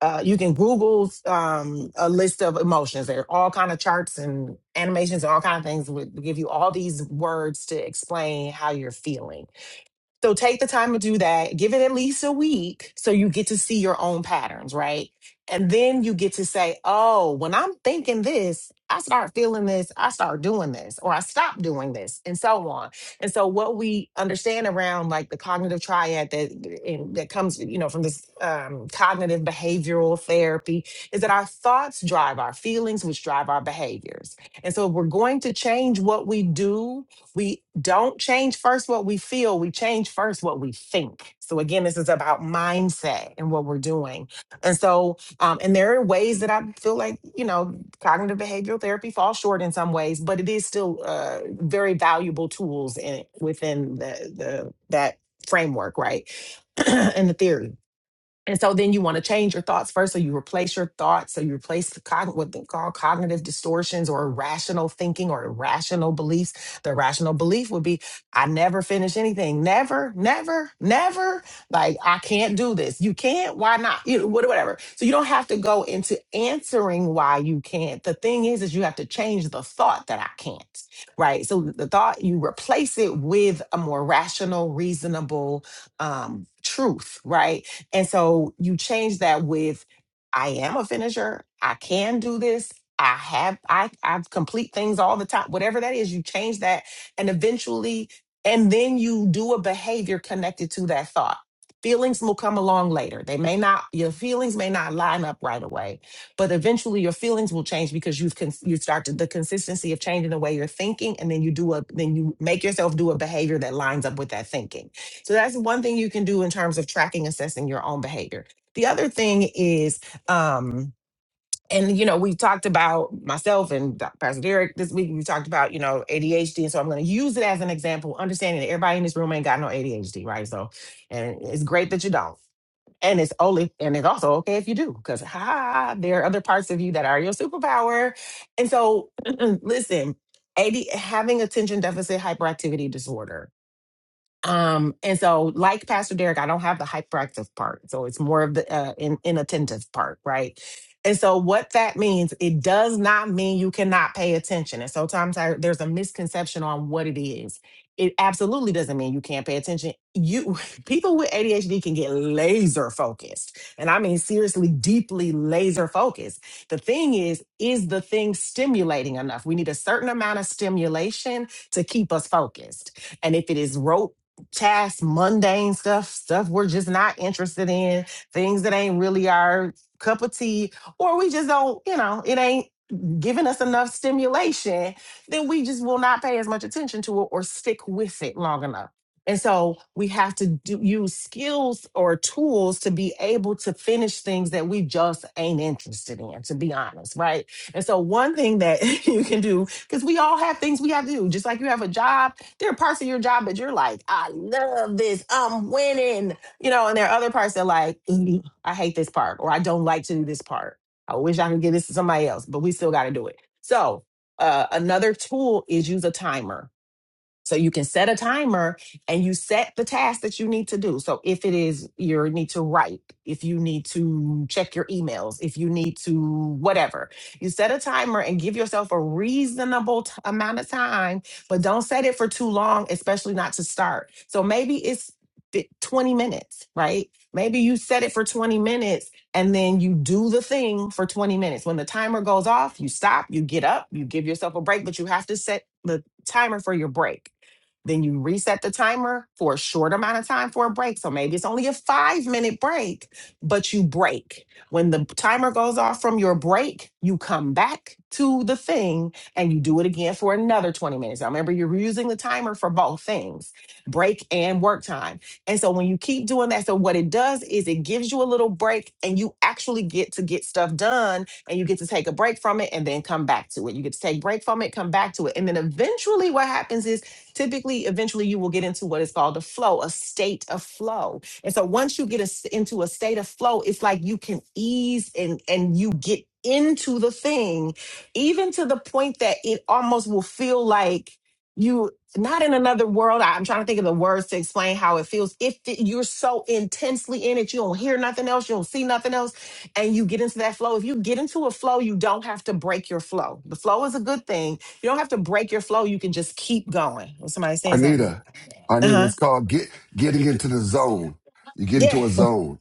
S8: uh, you can Google um, a list of emotions. There are all kind of charts and animations and all kind of things would give you all these words to explain how you're feeling so take the time to do that. Give it at least a week so you get to see your own patterns, right? And then you get to say, oh, when I'm thinking this, I start feeling this, I start doing this, or I stop doing this, and so on. And so, what we understand around like the cognitive triad that and that comes, you know, from this um, cognitive behavioral therapy is that our thoughts drive our feelings, which drive our behaviors. And so, if we're going to change what we do we don't change first what we feel, we change first what we think. So, again, this is about mindset and what we're doing. And so, um, and there are ways that I feel like, you know, cognitive behavioral therapy falls short in some ways, but it is still uh, very valuable tools in, within the, the, that framework, right? and the theory. And so then you want to change your thoughts first. So you replace your thoughts. So you replace the cog- what they call cognitive distortions or irrational thinking or irrational beliefs. The irrational belief would be, I never finish anything. Never, never, never. Like, I can't do this. You can't. Why not? You know, what- whatever. So you don't have to go into answering why you can't. The thing is, is you have to change the thought that I can't. Right. So the thought, you replace it with a more rational, reasonable um, truth. Right and so you change that with I am a finisher. I can do this. I have I I complete things all the time. Whatever that is, you change that and eventually and then you do a behavior connected to that thought. Feelings will come along later. They may not your feelings may not line up right away, but eventually your feelings will change because you've con- you started the consistency of changing the way you're thinking and then you do a then you make yourself do a behavior that lines up with that thinking so that's one thing you can do in terms of tracking, assessing your own behavior. The other thing is, um, and you know, we talked about myself and Dr. Pastor Derek this week. We talked about you know ADHD, and so I'm going to use it as an example, understanding that everybody in this room ain't got no ADHD, right? So, and it's great that you don't. And it's only, and it's also okay if you do, because ha, there are other parts of you that are your superpower. And so, listen, AD, having attention deficit hyperactivity disorder um, and so, like Pastor Derek, I don't have the hyperactive part. So it's more of the uh, in, inattentive part, right? And so, what that means, it does not mean you cannot pay attention. And sometimes I, there's a misconception on what it is. It absolutely doesn't mean you can't pay attention. You people with ADHD can get laser focused, and I mean seriously, deeply laser focused. The thing is, is the thing stimulating enough? We need a certain amount of stimulation to keep us focused. And if it is rote tasks, mundane stuff, stuff we're just not interested in, things that ain't really our cup of tea, or we just don't, you know, it ain't giving us enough stimulation, then we just will not pay as much attention to it or stick with it long enough. And so we have to do, use skills or tools to be able to finish things that we just ain't interested in, to be honest, right? And so one thing that you can do, because we all have things we have to do, just like you have a job there are parts of your job that you're like, I love this. I'm winning. You know, and there are other parts that are like, "Ooh, I hate this part or I don't like to do this part. I wish I could give this to somebody else, but we still got to do it. So, uh, another tool is use a timer so you can set a timer and you set the task that you need to do. So if it is you need to write, if you need to check your emails, if you need to whatever, you set a timer and give yourself a reasonable t- amount of time, but don't set it for too long, especially not to start. So maybe it's fi- 20 minutes, right? Maybe you set it for 20 minutes and then you do the thing for 20 minutes. When the timer goes off, you stop, you get up, you give yourself a break, but you have to set the timer for your break then you reset the timer for a short amount of time for a break. So maybe it's only a five minute break, but you break. When the timer goes off from your break, you come back to the thing and you do it again for another 20 minutes. Now remember, you're using the timer for both things break and work time. And so when you keep doing that, so what it does is it gives you a little break and you actually get to get stuff done and you get to take a break from it and then come back to it. You get to take break from it, come back to it. And then eventually what happens is typically eventually you will get into what is called a flow a state of flow and so once you get us into a state of flow it's like you can ease and and you get into the thing even to the point that it almost will feel like you not in another world I- i'm trying to think of the words to explain how it feels if th- you're so intensely in it you don't hear nothing else you don't see nothing else and you get into that flow if you get into a flow you don't have to break your flow the flow is a good thing you don't have to break your flow. You can just keep going. Was somebody saying something?
S9: Arnita,
S8: Uh
S9: Arnita,
S8: huh.
S9: it's called get, getting into the zone. You get
S8: Yeah.
S9: into a zone.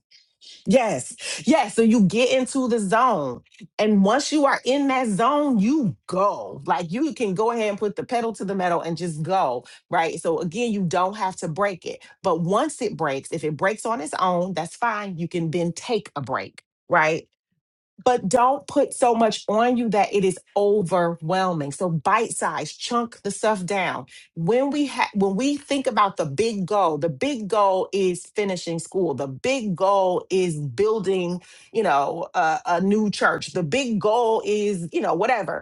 S8: Yes. Yes. So you get into the zone. And once you are in that zone, you go. Like you can go ahead and put the pedal to the metal and just go. Right. So again, you don't have to break it. But once it breaks, if it breaks on its own, that's fine. You can then take a break. Right but don't put so much on you that it is overwhelming. So bite size, chunk the stuff down. When we ha- when we think about the big goal, the big goal is finishing school. The big goal is building, you know, a, a new church. The big goal is, you know, whatever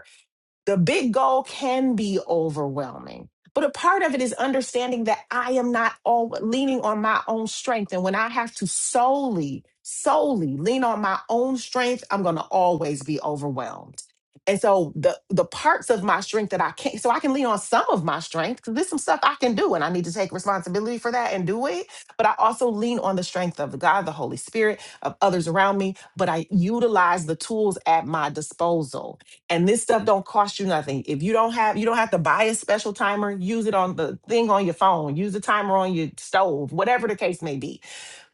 S8: the big goal can be overwhelming but a part of it is understanding that i am not all leaning on my own strength and when i have to solely solely lean on my own strength i'm going to always be overwhelmed and so the the parts of my strength that i can't so i can lean on some of my strength because there's some stuff i can do and i need to take responsibility for that and do it but i also lean on the strength of god the holy spirit of others around me but i utilize the tools at my disposal and this stuff don't cost you nothing if you don't have you don't have to buy a special timer use it on the thing on your phone use the timer on your stove whatever the case may be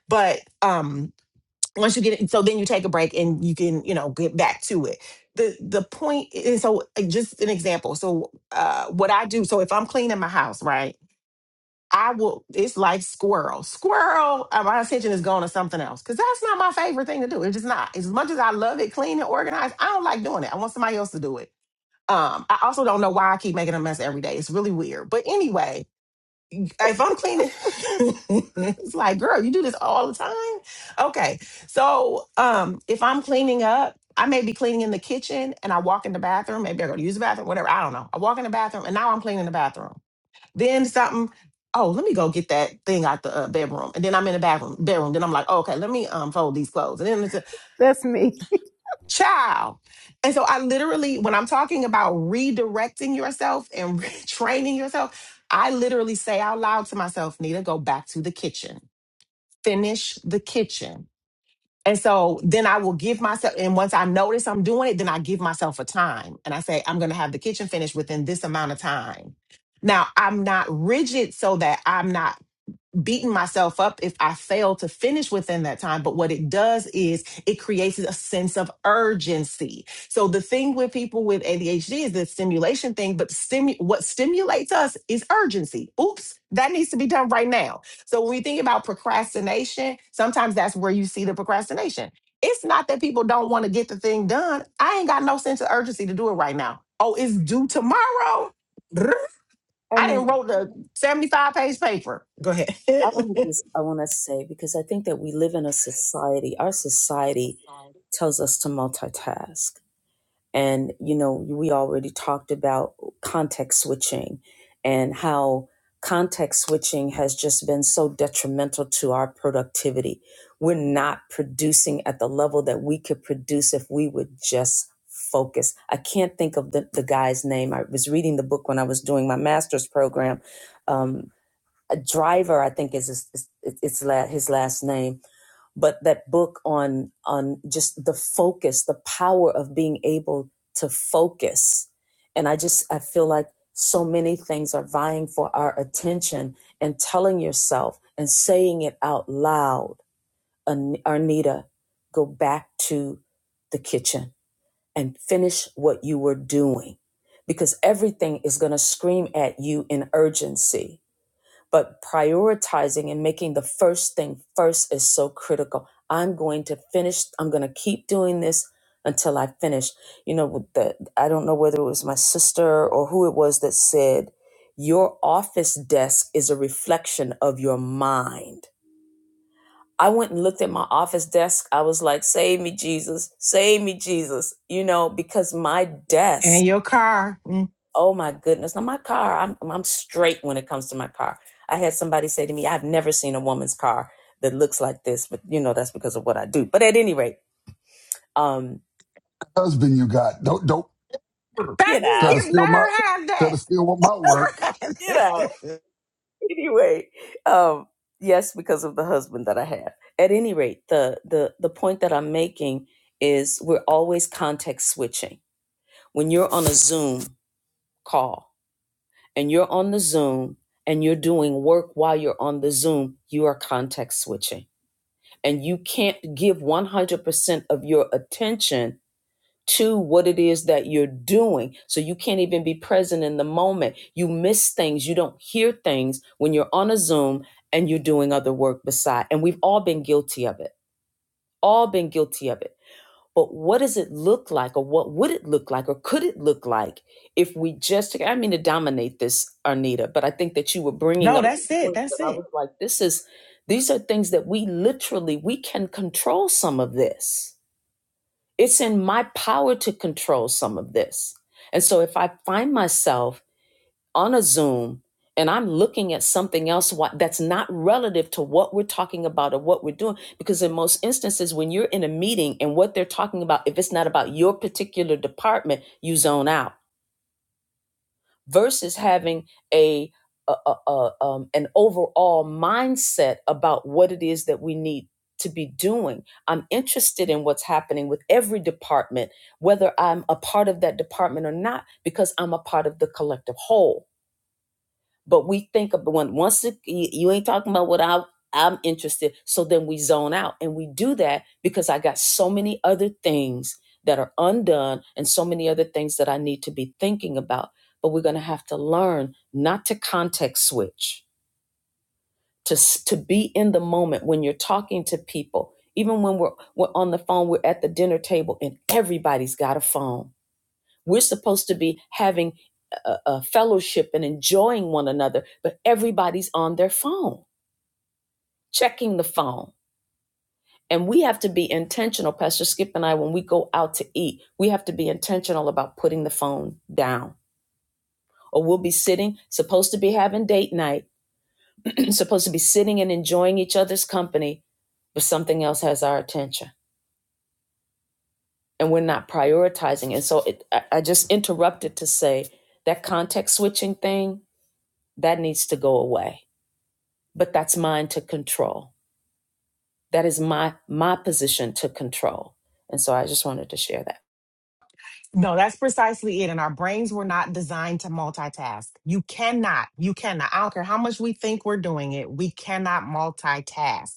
S8: but um once you get it so then you take a break and you can you know get back to it the the point is so uh, just an example so uh what i do so if i'm cleaning my house right I will. It's like squirrel. Squirrel. uh, My attention is going to something else because that's not my favorite thing to do. It's just not. As much as I love it, clean and organized, I don't like doing it. I want somebody else to do it. Um, I also don't know why I keep making a mess every day. It's really weird. But anyway, if I'm cleaning, it's like, girl, you do this all the time. Okay. So um, if I'm cleaning up, I may be cleaning in the kitchen and I walk in the bathroom. Maybe I go to use the bathroom, whatever. I don't know. I walk in the bathroom and now I'm cleaning the bathroom. Then something, oh, let me go get that thing out the uh, bedroom. And then I'm in the bathroom, bedroom. Then I'm like, oh, okay, let me um, fold these clothes. and then
S4: That's me.
S8: child. And so I literally, when I'm talking about redirecting yourself and training yourself, I literally say out loud to myself, Nita, go back to the kitchen, finish the kitchen. And so then I will give myself, and once I notice I'm doing it, then I give myself a time and I say, I'm going to have the kitchen finished within this amount of time. Now I'm not rigid so that I'm not beating myself up if I fail to finish within that time. But what it does is it creates a sense of urgency. So the thing with people with ADHD is the stimulation thing, but stimu- what stimulates us is urgency. Oops, that needs to be done right now. So when we think about procrastination, sometimes that's where you see the procrastination. It's not that people don't want to get the thing done. I ain't got no sense of urgency to do it right now. Oh, it's due tomorrow. I
S1: Arnita.
S8: didn't wrote the 75 page paper. Go ahead.
S1: I want to just I want to say because I think that we live in a society. Our society tells us to multitask, and you know we already talked about context switching and how context switching has just been so detrimental to our productivity. We're not producing at the level that we could produce if we would just focus. I can't think of the, the guy's name. I was reading the book when I was doing my master's program um, Driver, I think is his, it's his last name. But that book on on just the focus, the power of being able to focus, and I just I feel like so many things are vying for our attention, and telling yourself and saying it out loud, "An- Arnita, go back to the kitchen and finish what you were doing, because everything is going to scream at you in urgency but prioritizing and making the first thing first is so critical. I'm going to finish. I'm going to keep doing this until I finish. You know, with the I don't know whether it was my sister or who it was that said, "Your office desk is a reflection of your mind." I went and looked at my office desk. I was like, "Save me, Jesus! Save me, Jesus!" You know, because my desk
S8: And your car. Mm.
S1: Oh my goodness. Now my car, I'm I'm straight when it comes to my car. I had somebody say to me, I've never seen a woman's car that looks like this, but you know that's because of what I do. But at any rate, um
S9: Husband, you got. Don't, don't
S1: get
S8: Practice
S9: try to
S1: out.
S8: get let
S9: steal my,
S8: her
S9: try to steal my work.
S8: have
S1: Get out.
S8: that.
S1: Anyway, um yes, because of the husband that I have. At any rate, the the the point that I'm making is we're always context switching. When you're on a Zoom call and you're on the Zoom and you're doing work while you're on the Zoom, you are context switching and you can't give 100% of your attention to what it is that you're doing. So you can't even be present in the moment. You miss things, you don't hear things when you're on a Zoom and you're doing other work beside. And we've all been guilty of it. All been guilty of it. But what does it look like, or what would it look like, or could it look like if we just, I mean, to dominate this, Arnita, but I think that you were bringing
S8: no,
S1: up
S8: that's it.
S1: points that
S8: That's
S1: I
S8: it.
S1: was like, this is, these are things that we literally, we can control some of this. It's in my power to control some of this. And so if I find myself on a Zoom and I'm looking at something else wha- that's not relative to what we're talking about or what we're doing. Because in most instances, when you're in a meeting and what they're talking about, if it's not about your particular department, you zone out versus having a, a, a- a- um, an overall mindset about what it is that we need to be doing. I'm interested in what's happening with every department, whether I'm a part of that department or not, because I'm a part of the collective whole but we think of when once it, you, you ain't talking about what I I'm interested, so then we zone out, and we do that because I got so many other things that are undone, and so many other things that I need to be thinking about. But we're gonna have to learn not to context switch, to s- to be in the moment when you're talking to people, even when we're, we're on the phone, we're at the dinner table, and everybody's got a phone we're supposed to be having a, a fellowship and enjoying one another, but everybody's on their phone, checking the phone. And we have to be intentional, Pastor Skip and I, when we go out to eat, we have to be intentional about putting the phone down. Or we'll be sitting, supposed to be having date night, supposed to be sitting and enjoying each other's company, but something else has our attention and we're not prioritizing. And so it, I, I just interrupted to say that context switching thing, that needs to go away but that's mine to control. That is my my position to control. And so I just wanted to share that.
S8: No, that's precisely it. And our brains were not designed to multitask. You cannot, you cannot. I don't care how much we think we're doing it, we cannot multitask,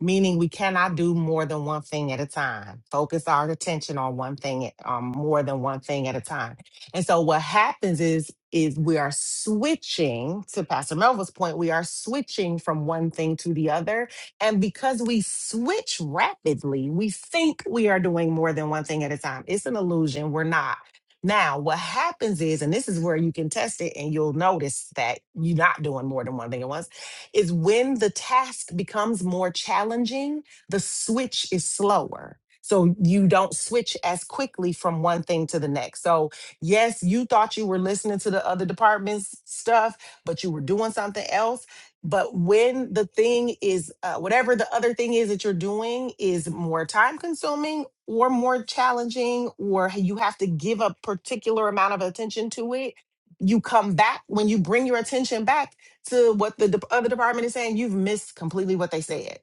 S8: meaning we cannot do more than one thing at a time. Focus our attention on one thing, um, more than one thing at a time. And so what happens is, is we are switching to Pastor Melville's point, we are switching from one thing to the other And because we switch rapidly, we think we are doing more than one thing at a time. It's an illusion. We're not. Now, what happens is, and this is where you can test it and you'll notice that you're not doing more than one thing at once, is when the task becomes more challenging, the switch is slower. So you don't switch as quickly from one thing to the next. So, yes, you thought you were listening to the other department's stuff, but you were doing something else but when the thing is, uh, whatever the other thing is that you're doing is more time consuming or more challenging, or you have to give a particular amount of attention to it, you come back when you bring your attention back to what the de- other department is saying, you've missed completely what they said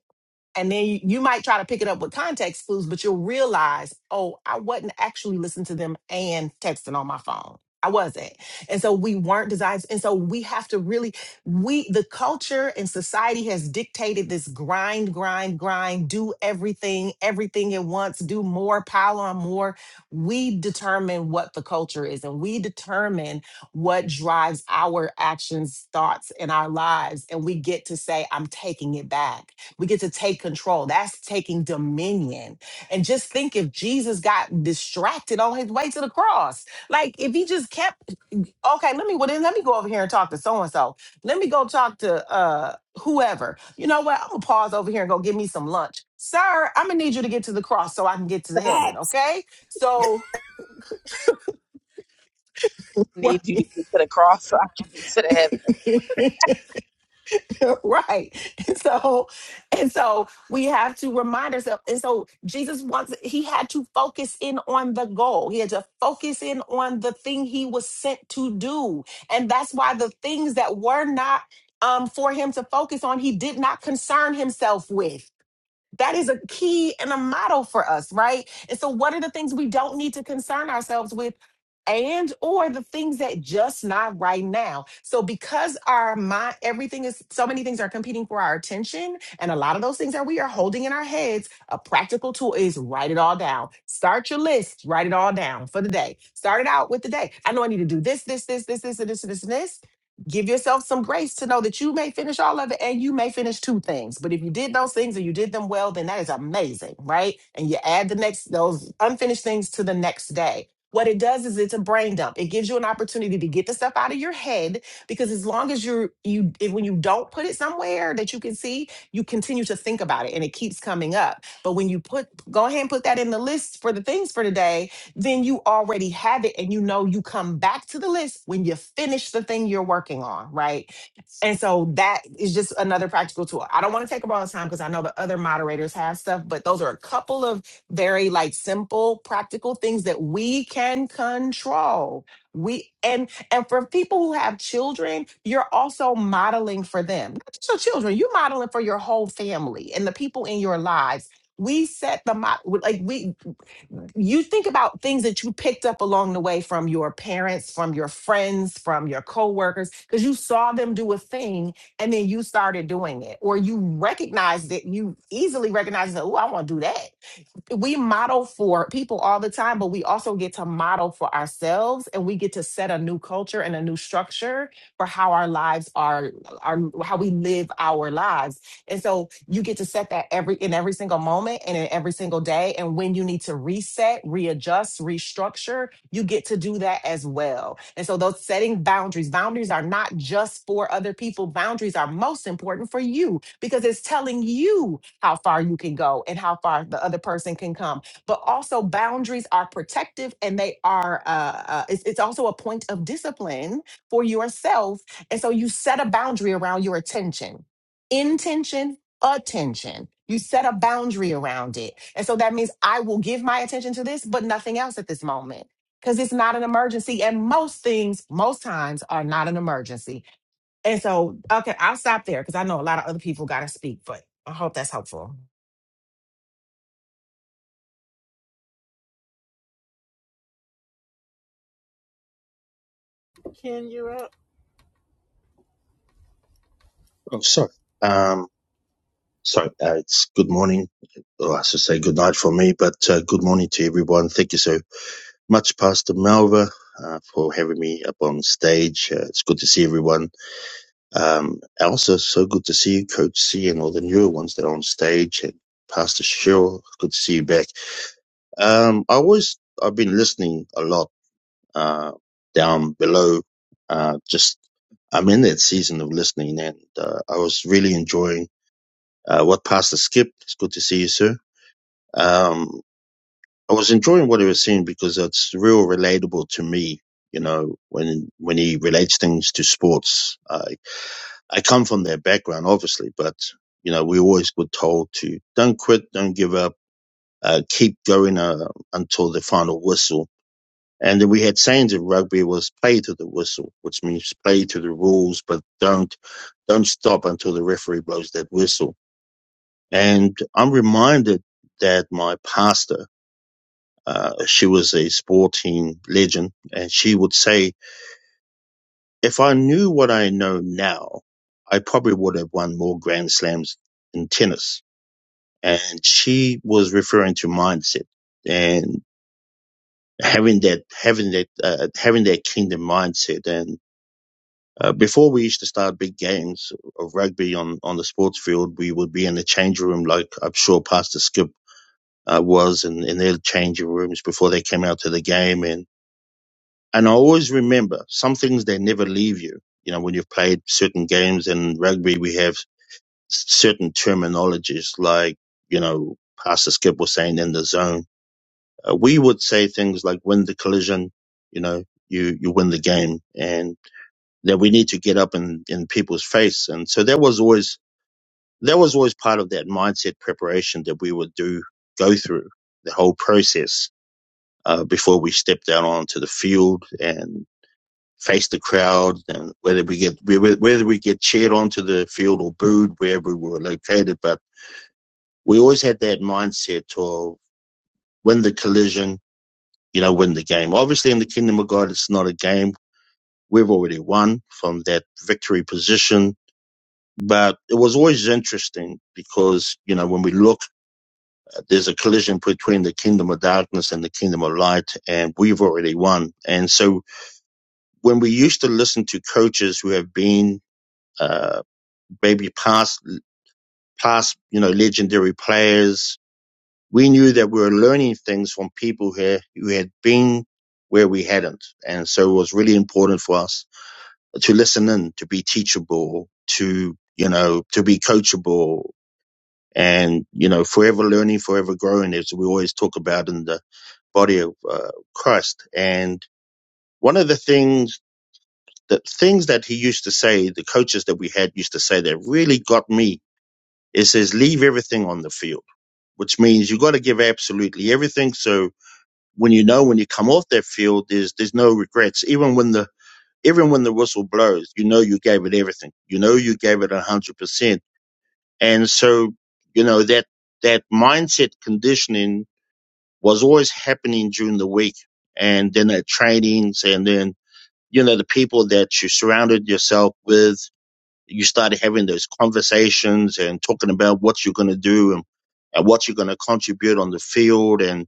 S8: and then you, you might try to pick it up with context clues, but you'll realize, oh, I wasn't actually listening to them and texting on my phone. I wasn't. And so we weren't designed. And so we have to really, we, the culture and society has dictated this grind, grind, grind, do everything, everything at once, do more, pile on more. We determine what the culture is and we determine what drives our actions, thoughts, and our lives. And we get to say, I'm taking it back. We get to take control. That's taking dominion. And just think if Jesus got distracted on his way to the cross. Like if he just kept, okay, let me well then let me go over here and talk to so and so. Let me go talk to uh whoever. You know what? I'm gonna pause over here and go get me some lunch. Sir, I'm gonna need you to get to the cross so I can get to the heaven, okay? So
S11: need you to get to the cross so I can get to the heaven.
S8: right. right. And so, and so we have to remind ourselves. And so Jesus wants, he had to focus in on the goal. He had to focus in on the thing he was sent to do. And that's why the things that were not um, for him to focus on, he did not concern himself with that is a key and a model for us, right? And so what are the things we don't need to concern ourselves with and or the things that just not right now. So because our mind everything is so many things are competing for our attention and a lot of those things that we are holding in our heads, a practical tool is write it all down. Start your list, write it all down for the day. Start it out with the day. I know I need to do this, this, this, this, this, and this, and this, and this give yourself some grace to know that you may finish all of it and you may finish two things. But if you did those things and you did them well, then that is amazing, right? And you add the next those unfinished things to the next day. What it does is it's a brain dump. It gives you an opportunity to get the stuff out of your head because as long as you're you if, when you don't put it somewhere that you can see, you continue to think about it and it keeps coming up. But when you put go ahead and put that in the list for the things for today, then you already have it and you know you come back to the list when you finish the thing you're working on, right? And so that is just another practical tool. I don't want to take up all the time because I know the other moderators have stuff, but those are a couple of very like simple practical things that we can control. We and and for people who have children, you're also modeling for them. Not just your children, you're modeling for your whole family and the people in your lives we set the mo- like we you think about things that you picked up along the way from your parents, from your friends, from your coworkers, because you saw them do a thing and then you started doing it, or you recognized it. You easily recognized that, oh, I want to do that. We model for people all the time, but we also get to model for ourselves and we get to set a new culture and a new structure for how our lives are, are how we live our lives. And so you get to set that every in every single moment and in every single day. And when you need to reset, readjust, restructure, you get to do that as well. And so those setting boundaries, boundaries are not just for other people. Boundaries are most important for you because it's telling you how far you can go and how far the other person can come. But also boundaries are protective and they are uh, uh it's, it's also a point of discipline for yourself. And so you set a boundary around your attention intention, attention. You set a boundary around it. And so that means I will give my attention to this, but nothing else at this moment because it's not an emergency. And most things, most times, are not an emergency. And so, okay, I'll stop there because I know a lot of other people got to speak, but I hope that's helpful.
S4: Ken, you're up.
S12: Oh, sorry. Um, sorry. Uh, it's good morning. Well, I should say good night for me, but uh, good morning to everyone. Thank you so much, Pastor Malva, uh, for having me up on stage. Uh, it's good to see everyone. Um, Elsa, so good to see you, Coach C, and all the newer ones that are on stage, and Pastor Cheryl, good to see you back. Um, I always, I've been listening a lot uh, down below, uh, just I'm in that season of listening, and uh, I was really enjoying Uh, what Pastor Skip, it's good to see you, sir. Um, I was enjoying what he was saying because it's real relatable to me. You know, when when he relates things to sports, I I come from their background, obviously, but you know, we always were told to don't quit, don't give up, uh, keep going uh, until the final whistle. And then we had sayings in rugby was play to the whistle, which means play to the rules, but don't don't stop until the referee blows that whistle And I'm reminded that my pastor, uh, she was a sporting legend, and she would say, if I knew what I know now, I probably would have won more Grand Slams in tennis. And she was referring to mindset and having that, having that, uh, having that kingdom mindset. And uh, before we used to start big games of rugby on, on the sports field, we would be in the change room, like I'm sure Pastor Skip uh, was in, in their changing rooms before they came out to the game. And, and I always remember some things they never leave you. You know, when you've played certain games in rugby, we have certain terminologies like, you know, Pastor Skip was saying in the zone. Uh, we would say things like win the collision, you know, you, you win the game and that we need to get up in, in people's face. And so that was always, that was always part of that mindset preparation that we would do, go through the whole process uh, before we stepped out onto the field and faced the crowd and whether we get whether we get cheered onto the field or booed wherever we were located but we always had that mindset to win the collision you know win the game obviously in the kingdom of god it's not a game we've already won from that victory position but it was always interesting because you know when we look there's a collision between the kingdom of darkness and the kingdom of light and we've already won and so when we used to listen to coaches who have been uh, maybe past past you know legendary players, we knew that we were learning things from people who who had been where we hadn't, and so it was really important for us to listen in, to be teachable, to you know to be coachable, and you know forever learning, forever growing, as we always talk about in the body of uh, Christ, and. One of the things the things that he used to say, the coaches that we had used to say that really got me. It says, leave everything on the field, which means you got to give absolutely everything. So when you know when you come off that field, there's there's no regrets. Even when the even when the whistle blows, you know you gave it everything. You know you gave it one hundred percent. And so you know that that mindset conditioning was always happening during the week, and then at trainings, and then you know the people that you surrounded yourself with you started having those conversations and talking about what you're going to do and, and what you're going to contribute on the field. And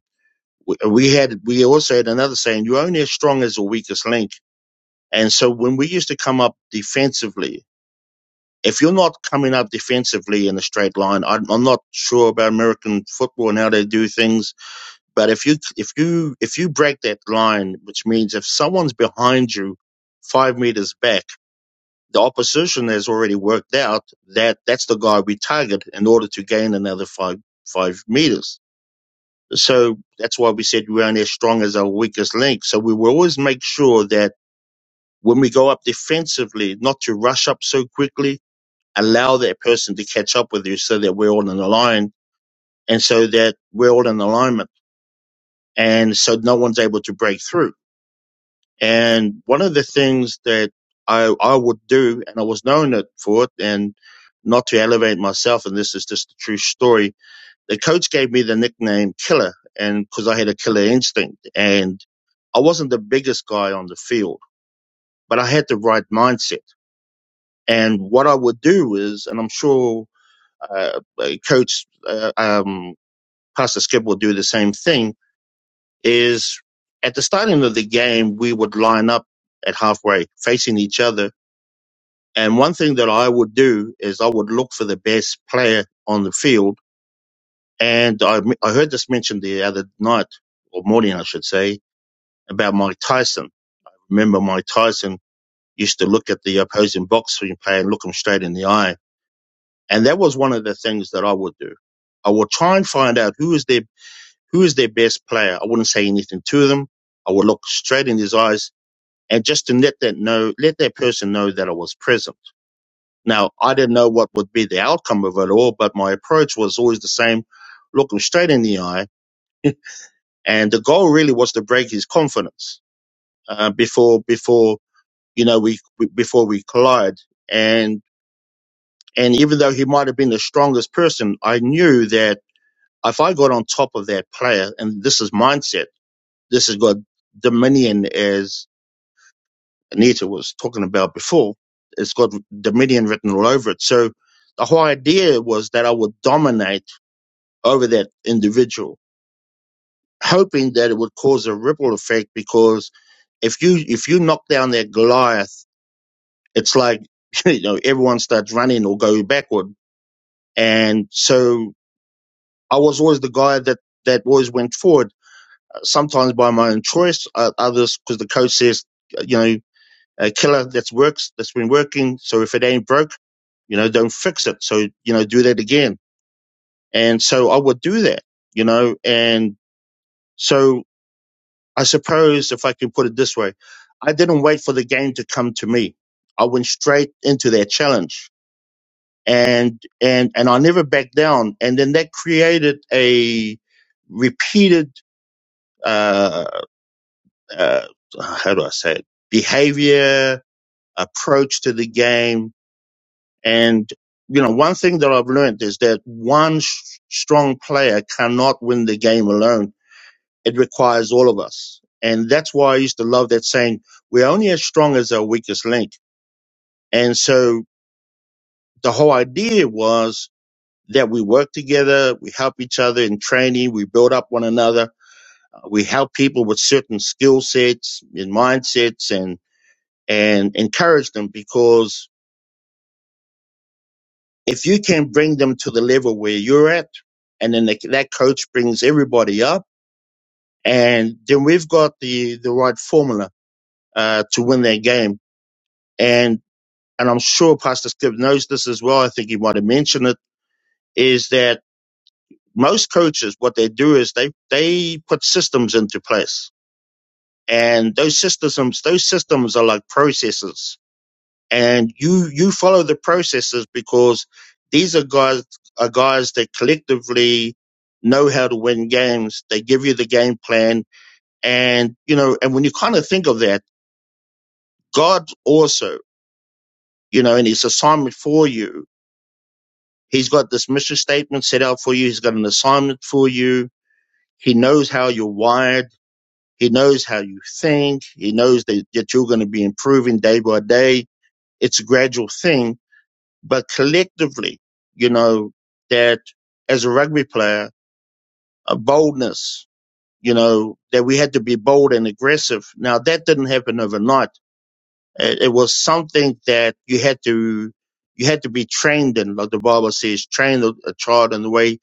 S12: we, we had, we also had another saying, you're only as strong as the weakest link. And so when we used to come up defensively, if you're not coming up defensively in a straight line, I'm, I'm not sure about American football and how they do things, but if you, if you, if you break that line, which means if someone's behind you five meters back, the opposition has already worked out that that's the guy we target in order to gain another five five meters. So that's why we said we're only as strong as our weakest link. So we will always make sure that when we go up defensively, not to rush up so quickly, allow that person to catch up with you so that we're all in a line and so that we're all in alignment and so no one's able to break through. And one of the things that I, I would do, and I was known it for it, and not to elevate myself, and this is just a true story. The coach gave me the nickname Killer, and because I had a killer instinct, and I wasn't the biggest guy on the field, but I had the right mindset. And what I would do is, and I'm sure uh, uh, Coach uh, um, Pastor Skip will do the same thing, is at the starting of the game, we would line up at halfway facing each other And one thing that I would do is I would look for the best player on the field. And I, I heard this mentioned the other night or morning, I should say, about Mike Tyson. Remember, Mike Tyson used to look at the opposing boxing player and look him straight in the eye. And that was one of the things that I would do. I would try and find out who is their, who is their best player. I wouldn't say anything to them. I would look straight in his eyes and just to let that know, let that person know that I was present Now, I didn't know what would be the outcome of it all, but my approach was always the same look him straight in the eye. And the goal really was to break his confidence uh, before, before, you know, we, before we collide. And, and even though he might have been the strongest person, I knew that if I got on top of that player, and this is mindset, this has got dominion as Anita was talking about before. It's got dominion written all over it. So the whole idea was that I would dominate over that individual, hoping that it would cause a ripple effect. Because if you if you knock down that Goliath, it's like you know everyone starts running or go backward. And so I was always the guy that that always went forward. uh, Sometimes by my own choice, uh, others because the coach says uh, you know a killer that's works that's been working. So if it ain't broke, you know don't fix it. So you know do that again. And so I would do that, you know, and so I suppose if I can put it this way, I didn't wait for the game to come to me. I went straight into their challenge and, and, and I never backed down. And then that created a repeated, uh, uh, how do I say it? Behavior, approach to the game. And, you know, one thing that I've learned is that one s strong player cannot win the game alone It requires all of us. And that's why I used to love that saying, we're only as strong as our weakest link. And so the whole idea was that we work together, we help each other in training, we build up one another, uh, we help people with certain skill sets and mindsets and, and encourage them because if you can bring them to the level where you're at, and then the, that coach brings everybody up, and then we've got the, the right formula uh, to win that game. And and I'm sure Pastor Skip knows this as well. I think he might have mentioned it, is that most coaches, what they do is they, they put systems into place. And those systems, those systems are like processes. And you, you follow the processes because these are guys, are guys that collectively know how to win games. They give you the game plan. And, you know, and when you kind of think of that, God also, you know, and his assignment for you He's got this mission statement set out for you. He's got an assignment for you. He knows how you're wired. He knows how you think. He knows that, that you're going to be improving day by day. It's a gradual thing, but collectively, you know, that as a rugby player, a boldness, you know, that we had to be bold and aggressive. Now that didn't happen overnight. It, was something that you had to, you had to be trained in, like the Bible says, train a child in the way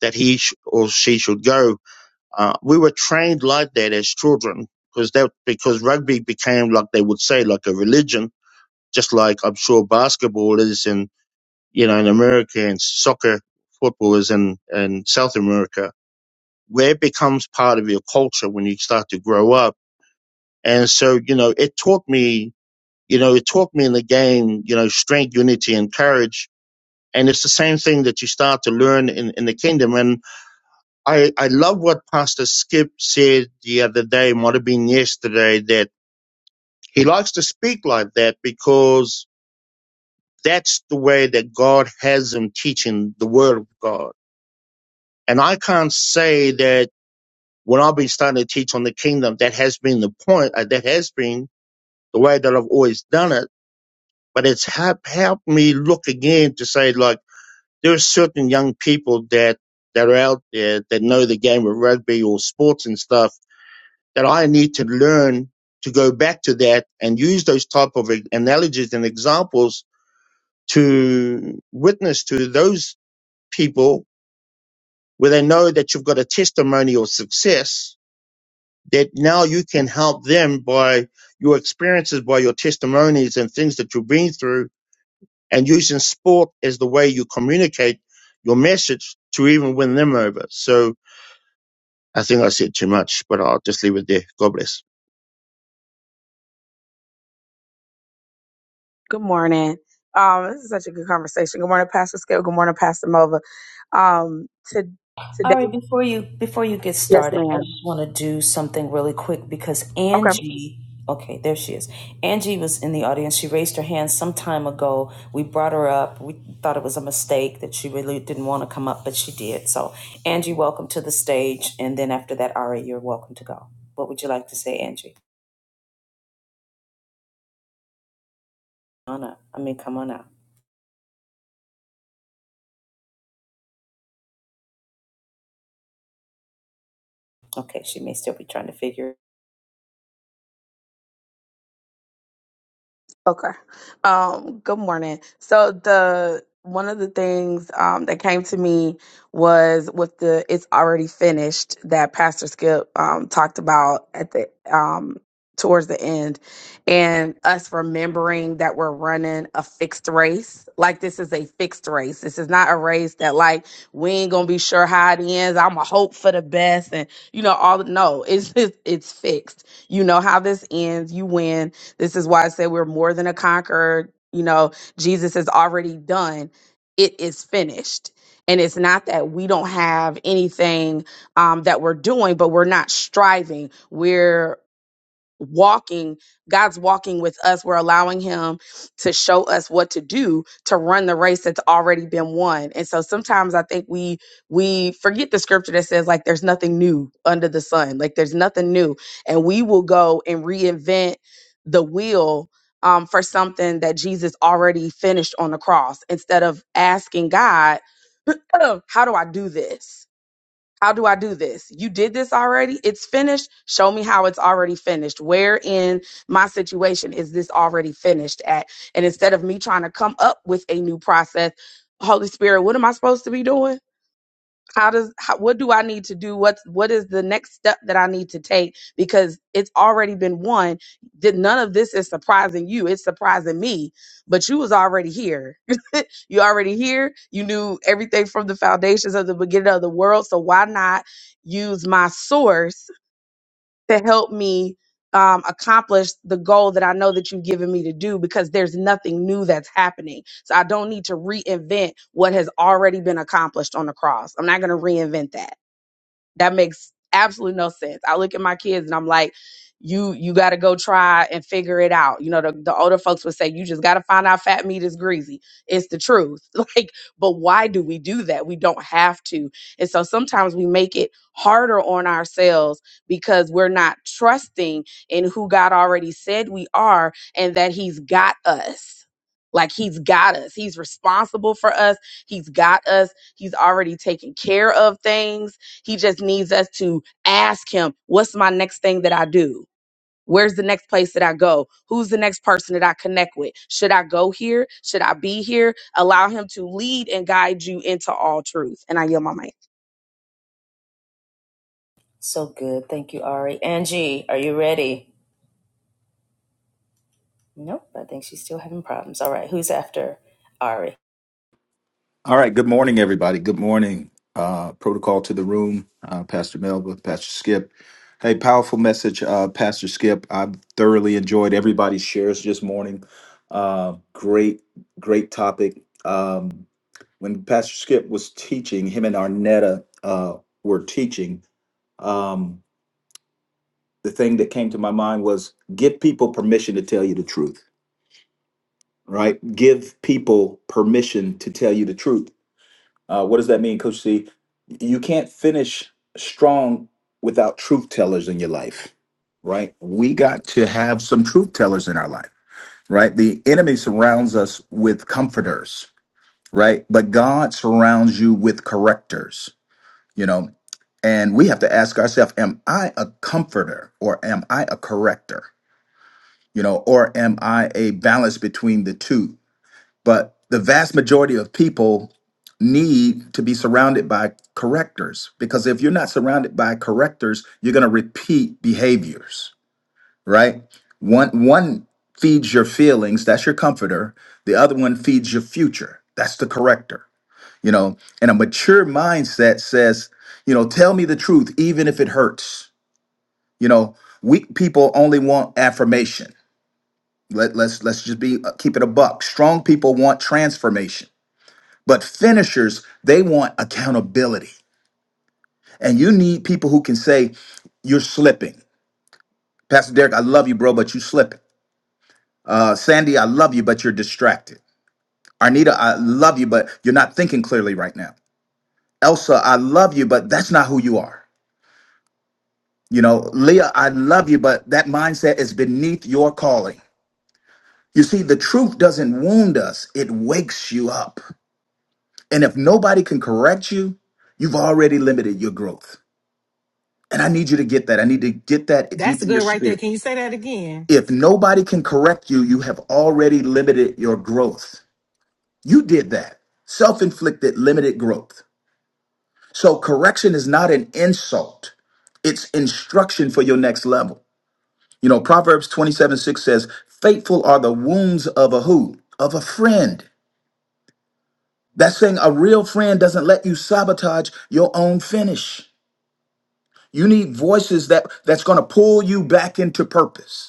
S12: that he sh- or she should go. Uh, we were trained like that as children because that because rugby became like they would say like a religion, just like I'm sure basketball is in you know in America and soccer football is in in South America, where it becomes part of your culture when you start to grow up. And so you know it taught me you know it taught me in the game you know strength, unity, and courage. And it's the same thing that you start to learn in, in the kingdom. And I, I love what Pastor Skip said the other day, might have been yesterday, that he likes to speak like that because that's the way that God has him teaching the Word of God. And I can't say that when I've been starting to teach on the kingdom, that has been the point, uh, that has been the way that I've always done it. But it's help, helped me look again to say, like, there are certain young people that, that are out there that know the game of rugby or sports and stuff that I need to learn to go back to that and use those type of analogies and examples to witness to those people where they know that you've got a testimony of success that now you can help them by your experiences, by your testimonies and things that you've been through and using sport as the way you communicate your message to even win them over. So I think I said too much, but I'll just leave it there. God bless.
S11: Good morning. Um, this is such a good conversation. Good morning, Pastor Skip. Good morning, Pastor Mova. Um, to today,
S1: All right, before you before you get
S11: yes,
S1: started, I
S11: ma'am.
S1: just want to do something really quick because
S11: Okay.
S1: Angie, okay, there she is. Angie was in the audience. She raised her hand some time ago. We brought her up. We thought it was a mistake that she really didn't want to come up, but she did. So, Angie, welcome to the stage. And then after that, Ari, you're welcome to go. What would you like to say, Angie? Come on up. I mean, come on up. Okay, she may still be trying to figure
S11: Okay. Um, good morning. So the one of the things um, that came to me was with the "It's already finished" that Pastor Skip um, talked about at the um, towards the end, and us remembering that we're running a fixed race. Like this is a fixed race. This is not a race that like we ain't gonna be sure how it ends. I'm a hope for the best, and you know all. No, it's it's, it's fixed. You know how this ends. You win this is why I said we're more than a conqueror. You know, Jesus has already done, it is finished. And it's not that we don't have anything um, that we're doing, but we're not striving. We're walking god's walking with us we're allowing him to show us what to do to run the race that's already been won and so sometimes i think we we forget the scripture that says like there's nothing new under the sun like there's nothing new and we will go and reinvent the wheel um, for something that jesus already finished on the cross instead of asking god "Oh, how do i do this how do I do this? You did this already? It's finished. Show me how it's already finished. Where in my situation is this already finished at? And instead of me trying to come up with a new process, Holy Spirit, what am I supposed to be doing? how does how, what do i need to do what's what is the next step that i need to take because it's already been won that none of this is surprising you it's surprising me but you was already here you already here you knew everything from the foundations of the beginning of the world so why not use my source to help me um, accomplish the goal that I know that you've given me to do because there's nothing new that's happening. So I don't need to reinvent what has already been accomplished on the cross. I'm not going to reinvent that. That makes absolutely no sense. I look at my kids and I'm like, you you got to go try and figure it out. You know, the, the older folks would say you just got to find out fat meat is greasy. It's the truth. Like, but why do we do that? We don't have to. And so sometimes we make it harder on ourselves because we're not trusting in who God already said we are and that he's got us. Like he's got us. He's responsible for us. He's got us. He's already taken care of things he just needs us to ask him, what's my next thing that I do? Where's the next place that I go? Who's the next person that I connect with? Should I go here? Should I be here? Allow him to lead and guide you into all truth. And I yield my mic.
S1: So good. Thank you, Ari. Angie, are you ready? Nope. I think she's still having problems. All right. Who's after Ari?
S5: All right. Good morning, everybody. Good morning. Uh, protocol to the room. Uh, Pastor Melba, Pastor Skip. Hey, powerful message, uh, Pastor Skip. i thoroughly enjoyed everybody's shares this morning. Uh, great, great topic. Um, when Pastor Skip was teaching, him and Arnetta uh, were teaching. Um, the thing that came to my mind was give people permission to tell you the truth, right? Give people permission to tell you the truth Uh, what does that mean, Coach C? You can't finish strong without truth tellers in your life, right? We got to have some truth tellers in our life, right? The enemy surrounds us with comforters, right? But God surrounds you with correctors, you know? And we have to ask ourselves, am I a comforter or am I a corrector? You know, or am I a balance between the two? But the vast majority of people need to be surrounded by correctors because if you're not surrounded by correctors, you're going to repeat behaviors, right? One one feeds your feelings, that's your comforter. The other one feeds your future. That's the corrector. You know, and a mature mindset says, you know, tell me the truth even if it hurts. You know, weak people only want affirmation. Let, let's let's just be uh, keep it a buck. Strong people want transformation but finishers, they want accountability. And you need people who can say, You're slipping. Pastor Derek, I love you, bro, but you slipping. Uh, Sandy, I love you, but you're distracted. Arnita, I love you, but you're not thinking clearly right now. Elsa, I love you, but that's not who you are. You know, Leah, I love you, but that mindset is beneath your calling. You see, the truth doesn't wound us, it wakes you up. And if nobody can correct you, you've already limited your growth. And I need you to get that. I need to get that
S8: That's
S5: deep in your
S8: good right there.
S5: spirit.
S8: Can you say that again?
S5: If nobody can correct you, you have already limited your growth. You did that. Self inflicted limited growth. So correction is not an insult, it's instruction for your next level. You know, Proverbs 27 6 says, Faithful are the wounds of a who? Of a friend. That's saying a real friend doesn't let you sabotage your own finish. You need voices that that's going to pull you back into purpose.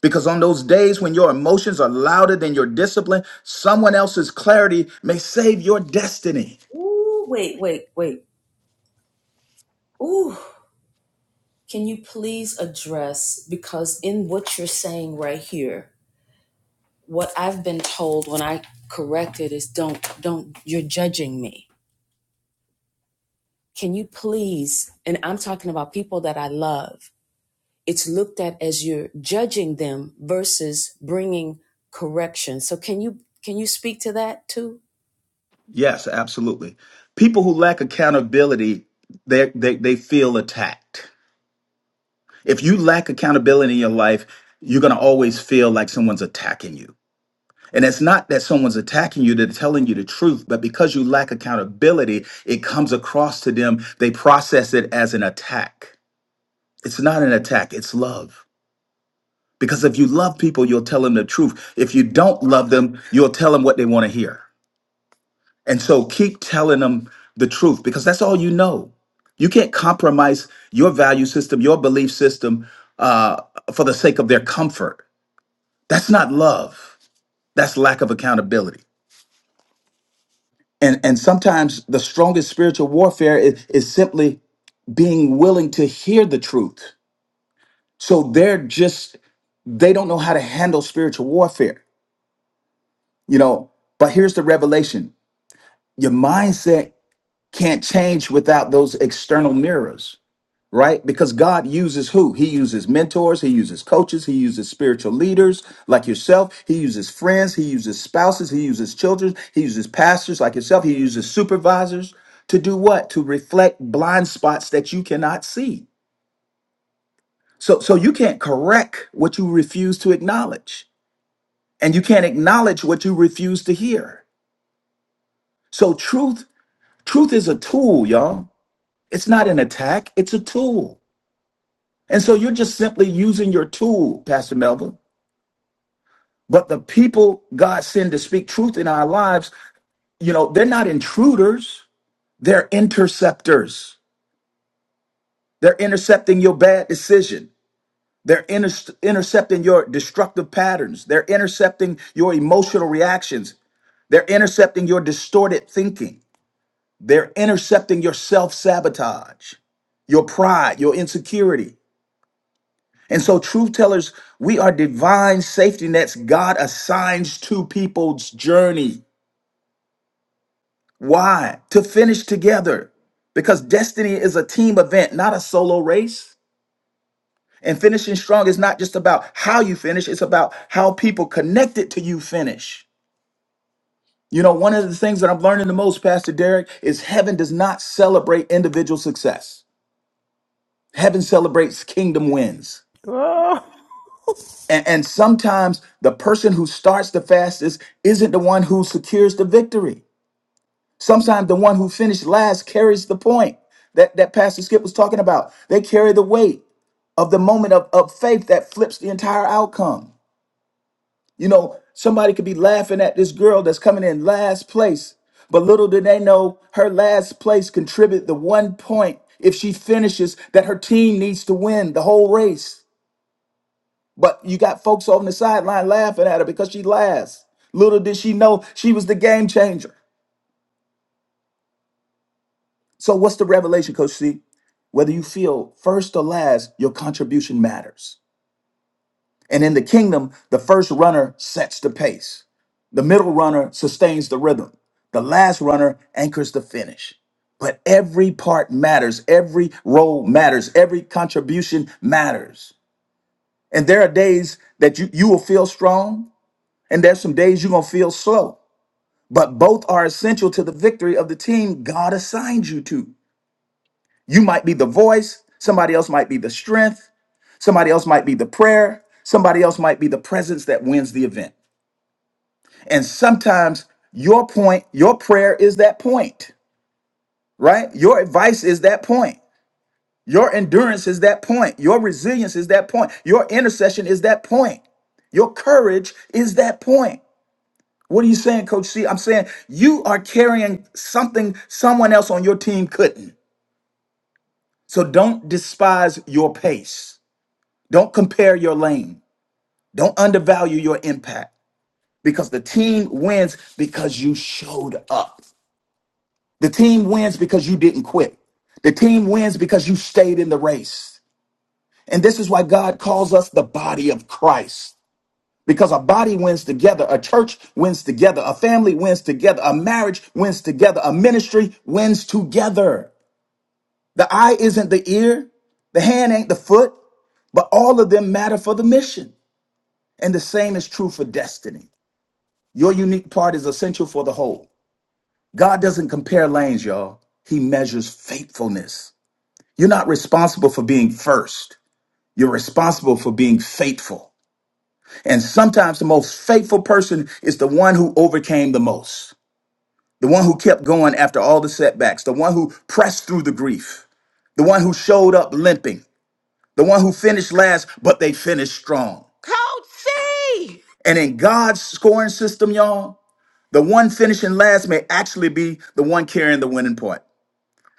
S5: Because on those days when your emotions are louder than your discipline, someone else's clarity may save your destiny.
S1: Ooh, wait, wait, wait. Ooh. Can you please address, because in what you're saying right here, what I've been told when I corrected is don't, don't, you're judging me. Can you please, and I'm talking about people that I love, it's looked at as you're judging them versus bringing correction. So can you, can you speak to that too?
S5: Yes, absolutely. People who lack accountability, they, they, they feel attacked. If you lack accountability in your life, you're going to always feel like someone's attacking you. And it's not that someone's attacking you, they're telling you the truth, but because you lack accountability, it comes across to them. They process it as an attack. It's not an attack, it's love. Because if you love people, you'll tell them the truth. If you don't love them, you'll tell them what they want to hear. And so keep telling them the truth because that's all you know. You can't compromise your value system, your belief system uh, for the sake of their comfort. That's not love, that's lack of accountability. And, and sometimes the strongest spiritual warfare is, is simply being willing to hear the truth. So they're just, they don't know how to handle spiritual warfare, you know. But here's the revelation your mindset can't change without those external mirrors right because god uses who he uses mentors he uses coaches he uses spiritual leaders like yourself he uses friends he uses spouses he uses children he uses pastors like yourself he uses supervisors to do what to reflect blind spots that you cannot see so so you can't correct what you refuse to acknowledge and you can't acknowledge what you refuse to hear so truth truth is a tool y'all It's not an attack, it's a tool. And so you're just simply using your tool, Pastor Melvin. But the people God send to speak truth in our lives, you know, they're not intruders, they're interceptors. They're intercepting your bad decision. They're inter- intercepting your destructive patterns. They're intercepting your emotional reactions. They're intercepting your distorted thinking. They're intercepting your self sabotage, your pride, your insecurity. And so, truth tellers, we are divine safety nets God assigns to people's journey. Why? To finish together. Because destiny is a team event, not a solo race. And finishing strong is not just about how you finish, it's about how people connected to you finish. You know, one of the things that I'm learning the most, Pastor Derek, is heaven does not celebrate individual success. Heaven celebrates kingdom wins.
S4: Oh,
S5: And, and sometimes the person who starts the fastest isn't the one who secures the victory. Sometimes the one who finished last carries the point that, that Pastor Skip was talking about. They carry the weight of the moment of, of faith that flips the entire outcome. You know, somebody could be laughing at this girl that's coming in last place, but little do they know her last place contributed the one point if she finishes that her team needs to win the whole race. But you got folks on the sideline laughing at her because she laughs. Little did she know she was the game changer. So what's the revelation, Coach C? Whether you feel first or last, your contribution matters. And in the kingdom, the first runner sets the pace. The middle runner sustains the rhythm. The last runner anchors the finish. But every part matters. Every role matters. Every contribution matters. And there are days that you, you will feel strong, and there's some days you're going to feel slow. but both are essential to the victory of the team God assigned you to. You might be the voice, somebody else might be the strength, somebody else might be the prayer, somebody else might be the presence that wins the event. And sometimes your point, your prayer is that point, right? Your advice is that point. Your endurance is that point. Your resilience is that point. Your intercession is that point. Your courage is that point. What are you saying, Coach C? I'm saying you are carrying something someone else on your team couldn't. So don't despise your pace. Don't compare your lane. Don't undervalue your impact because the team wins because you showed up. The team wins because you didn't quit. The team wins because you stayed in the race. And this is why God calls us the body of Christ. Because a body wins together, a church wins together, a family wins together, a marriage wins together, a ministry wins together. The eye isn't the ear, the hand ain't the foot, but all of them matter for the mission. And the same is true for destiny. Your unique part is essential for the whole. God doesn't compare lanes, y'all. He measures faithfulness. You're not responsible for being first. You're responsible for being faithful. And sometimes the most faithful person is the one who overcame the most. the one who kept going after all the setbacks, the one who pressed through the grief, the one who showed up limping, the one who finished last, but they finished strong.
S4: Coach C,
S5: And in God's scoring system, y'all, the one finishing last may actually be the one carrying the winning point.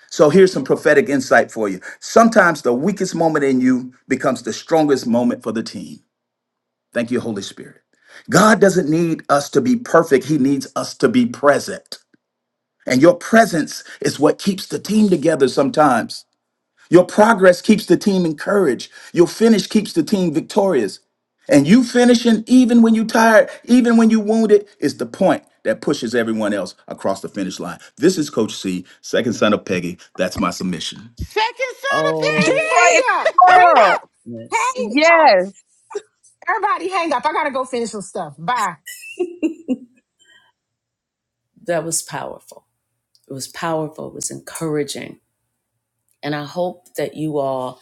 S5: So here's some prophetic insight for you. Sometimes the weakest moment in you becomes the strongest moment for the team. Thank you, Holy Spirit. God doesn't need us to be perfect, He needs us to be present. And your presence is what keeps the team together sometimes. Your progress keeps the team encouraged. Your finish keeps the team victorious. And you finishing even when you are tired, even when you are wounded, is the point that pushes everyone else across the finish line. This is Coach C, second son of Peggy. That's my submission.
S4: second son of
S1: Oh,
S8: Just
S11: What
S8: hang
S11: in
S4: Peggy.
S8: up,
S11: the
S8: hang
S11: world?
S8: up,
S1: yes.
S8: hang up.
S11: Yes.
S8: Everybody hang up. I gotta go finish some stuff. Bye.
S1: That was powerful. It was powerful. It was encouraging. And I hope that you all,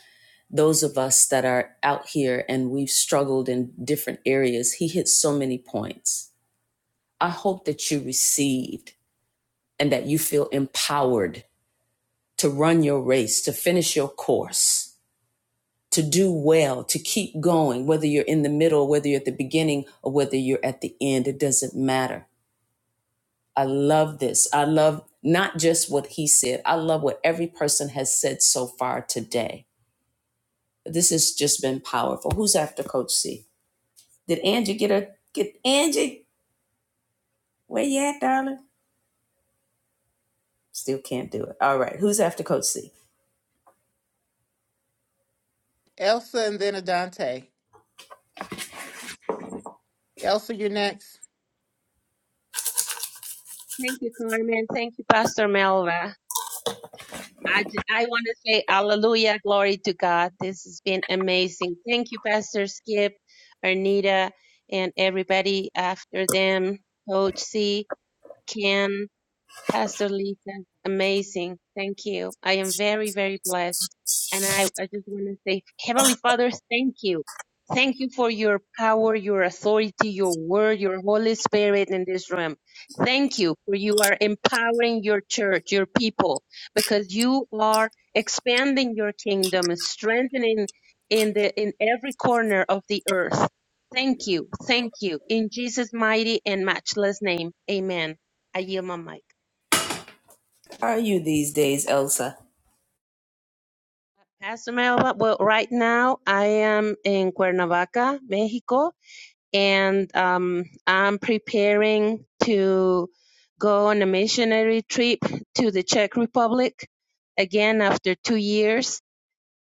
S1: those of us that are out here and we've struggled in different areas, he hit so many points. I hope that you received and that you feel empowered to run your race, to finish your course, to do well, to keep going, whether you're in the middle, whether you're at the beginning, or whether you're at the end. It doesn't matter I love this. I love not just what he said, I love what every person has said so far today. This has just been powerful. Who's after Coach C? Did Angie get a get Angie? Where you at, darling? Still can't do it. All right. Who's after Coach C?
S4: Elsa and then Adante. Elsa, you're next.
S7: Thank you, Carmen. Thank you, Pastor Melva. I, j- I want to say hallelujah, glory to God. This has been amazing. Thank you, Pastor Skip, Arnita, and everybody after them, Coach C, Ken, Pastor Lisa. Amazing. Thank you. I am very, very blessed. And I, I just want to say, Heavenly Father, thank you. Thank you for your power, your authority, your word, your Holy Spirit in this room. Thank you for you are empowering your church, your people, because you are expanding your kingdom, strengthening in the in every corner of the earth. Thank you, thank you. In Jesus' mighty and matchless name, Amen. I yield my mic.
S1: How are you these days, Elsa?
S7: Pastor Melba, well, right now I am in Cuernavaca, Mexico and um, I'm preparing to go on a missionary trip to the Czech Republic again after two years.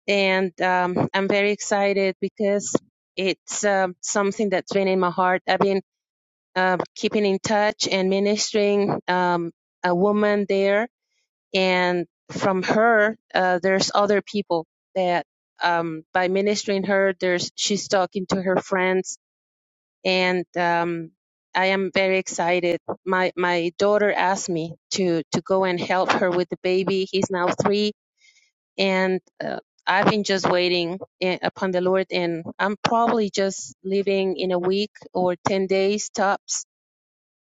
S7: And um, I'm very excited because it's um something that's been in my heart. I've been uh, keeping in touch and ministering um, a woman there, and from her, uh, there's other people that um, by ministering her, there's she's talking to her friends and um, I am very excited. My my daughter asked me to to go and help her with the baby. He's now three, and uh, I've been just waiting i- upon the Lord, and I'm probably just leaving in a week or ten days tops.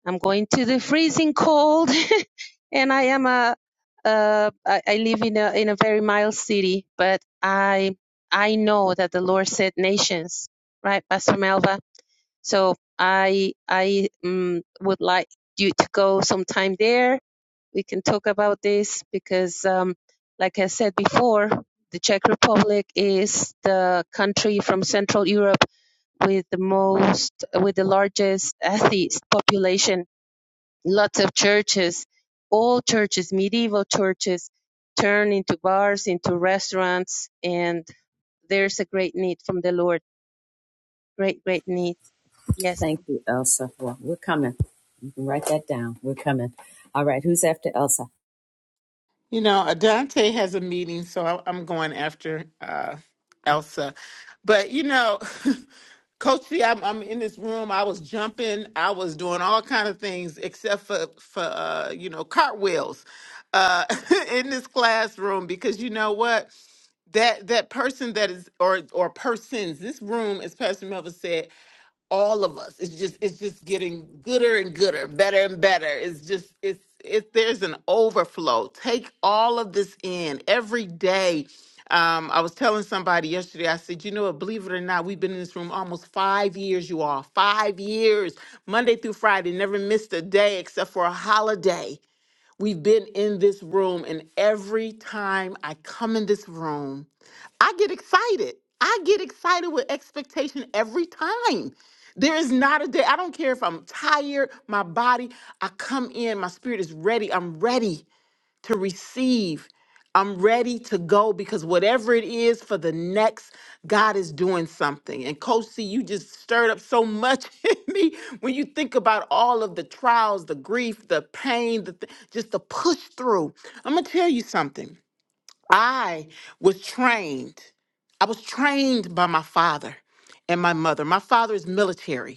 S7: I'm going to the freezing cold, and I am a uh, I, I live in a in a very mild city, but I I know that the Lord said nations, right, Pastor Melva? So I I um, would like you to go sometime there. We can talk about this because, um, like I said before, the Czech Republic is the country from Central Europe with the most with the largest atheist population. Lots of churches, all churches, medieval churches, turn into bars, into restaurants, and there's a great need from the Lord. Great, great need. Yes.
S1: Thank you, Elsa. Well, we're coming. You can write that down. We're coming. All right, who's after Elsa?
S4: You know, Adante has a meeting, so I- I'm going after uh, Elsa. But you know, Coach C, I'm, I'm in this room. I was jumping. I was doing all kind of things except for for uh, you know cartwheels uh, in this classroom because you know what that that person that is or or persons. This room, as Pastor Melvin said, all of us. It's just it's just getting gooder and gooder, better and better. It's just it's it there's an overflow. Take all of this in every day. Um, I was telling somebody yesterday, I said, you know what, believe it or not, we've been in this room almost five years, you all. Five years, Monday through Friday, never missed a day except for a holiday. We've been in this room, and every time I come in this room, I get excited. I get excited with expectation every time. There is not a day, I don't care if I'm tired, my body, I come in, my spirit is ready. I'm ready to receive. I'm ready to go because whatever it is for the next, God is doing something. And Coach C, you just stirred up so much in me when you think about all of the trials, the grief, the pain, the th- just the push through. I'm gonna tell you something. I was trained. I was trained by my father and my mother. My father is military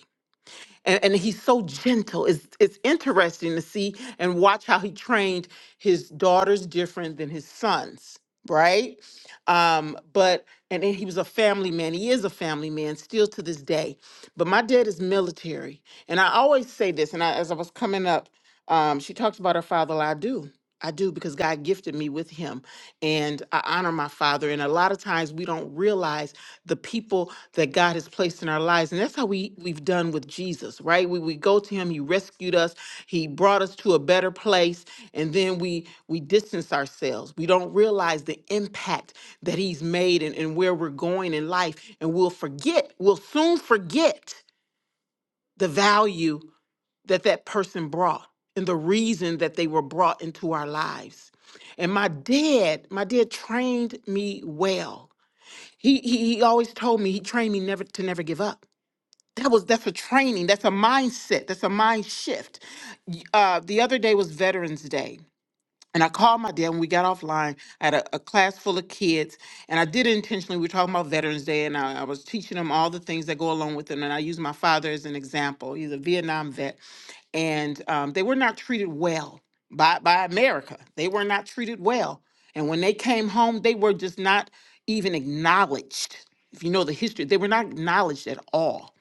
S4: and, and he's so gentle. It's it's interesting to see and watch how he trained his daughters different than his sons, right? Um, but and then he was a family man. He is a family man still to this day. But my dad is military, and I always say this. And I, as I was coming up, um, she talks about her father. Well, I do. I do because God gifted me with him and I honor my father. And a lot of times we don't realize the people that God has placed in our lives. And that's how we, we've done with Jesus, right? We, we go to him, he rescued us, he brought us to a better place, and then we we distance ourselves. We don't realize the impact that he's made and, and where we're going in life. And we'll forget, we'll soon forget the value that that person brought and the reason that they were brought into our lives. And my dad, my dad trained me well he, he he always told me he trained me never to never give up. That was that's a training. That's a mindset. That's a mind shift. Y- Uh, the other day was Veterans Day, and I called my dad when we got offline. I had a, a class full of kids, and I did it intentionally. We were talking about Veterans Day, and I, I was teaching them all the things that go along with it. And I used my father as an example. He's a Vietnam vet, and um, they were not treated well by by America. They were not treated well, and when they came home, they were just not even acknowledged. If you know the history, they were not acknowledged at all.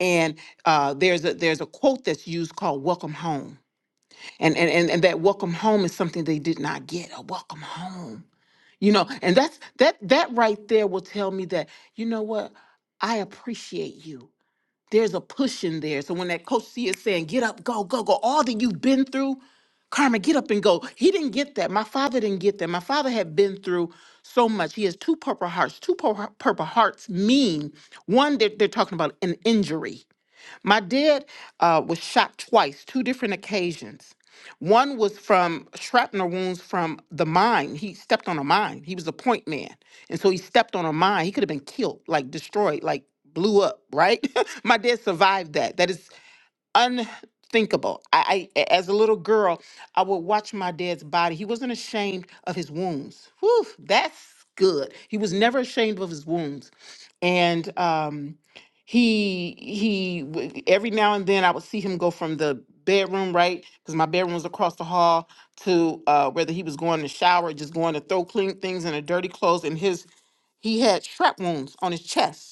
S4: And uh, there's a there's a quote that's used called "Welcome Home," and and and, and that "Welcome Home" is something they did not get a welcome home. You know, and that's that that right there will tell me that you know what I appreciate you. There's a push in there. So when that coach C is saying, get up, go, go, go, all that you've been through, Carmen, get up and go. He didn't get that. My father didn't get that. My father had been through so much. He has two purple hearts. Two pur- purple hearts mean one, they're, they're talking about an injury my dad uh, was shot twice, two different occasions. One was from shrapnel wounds from the mine. He stepped on a mine. He was a point man. And so he stepped on a mine. He could have been killed, like destroyed, like blew up, right? My dad survived that. That is unthinkable. I, I as a little girl, I would watch my dad's body. He wasn't ashamed of his wounds. Whew, that's good. He was never ashamed of his wounds, and um, he he w- every now and then I would see him go from the bedroom right because my bedroom was across the hall to uh, whether he was going to shower, just going to throw clean things in a dirty clothes, and his he had shrap wounds on his chest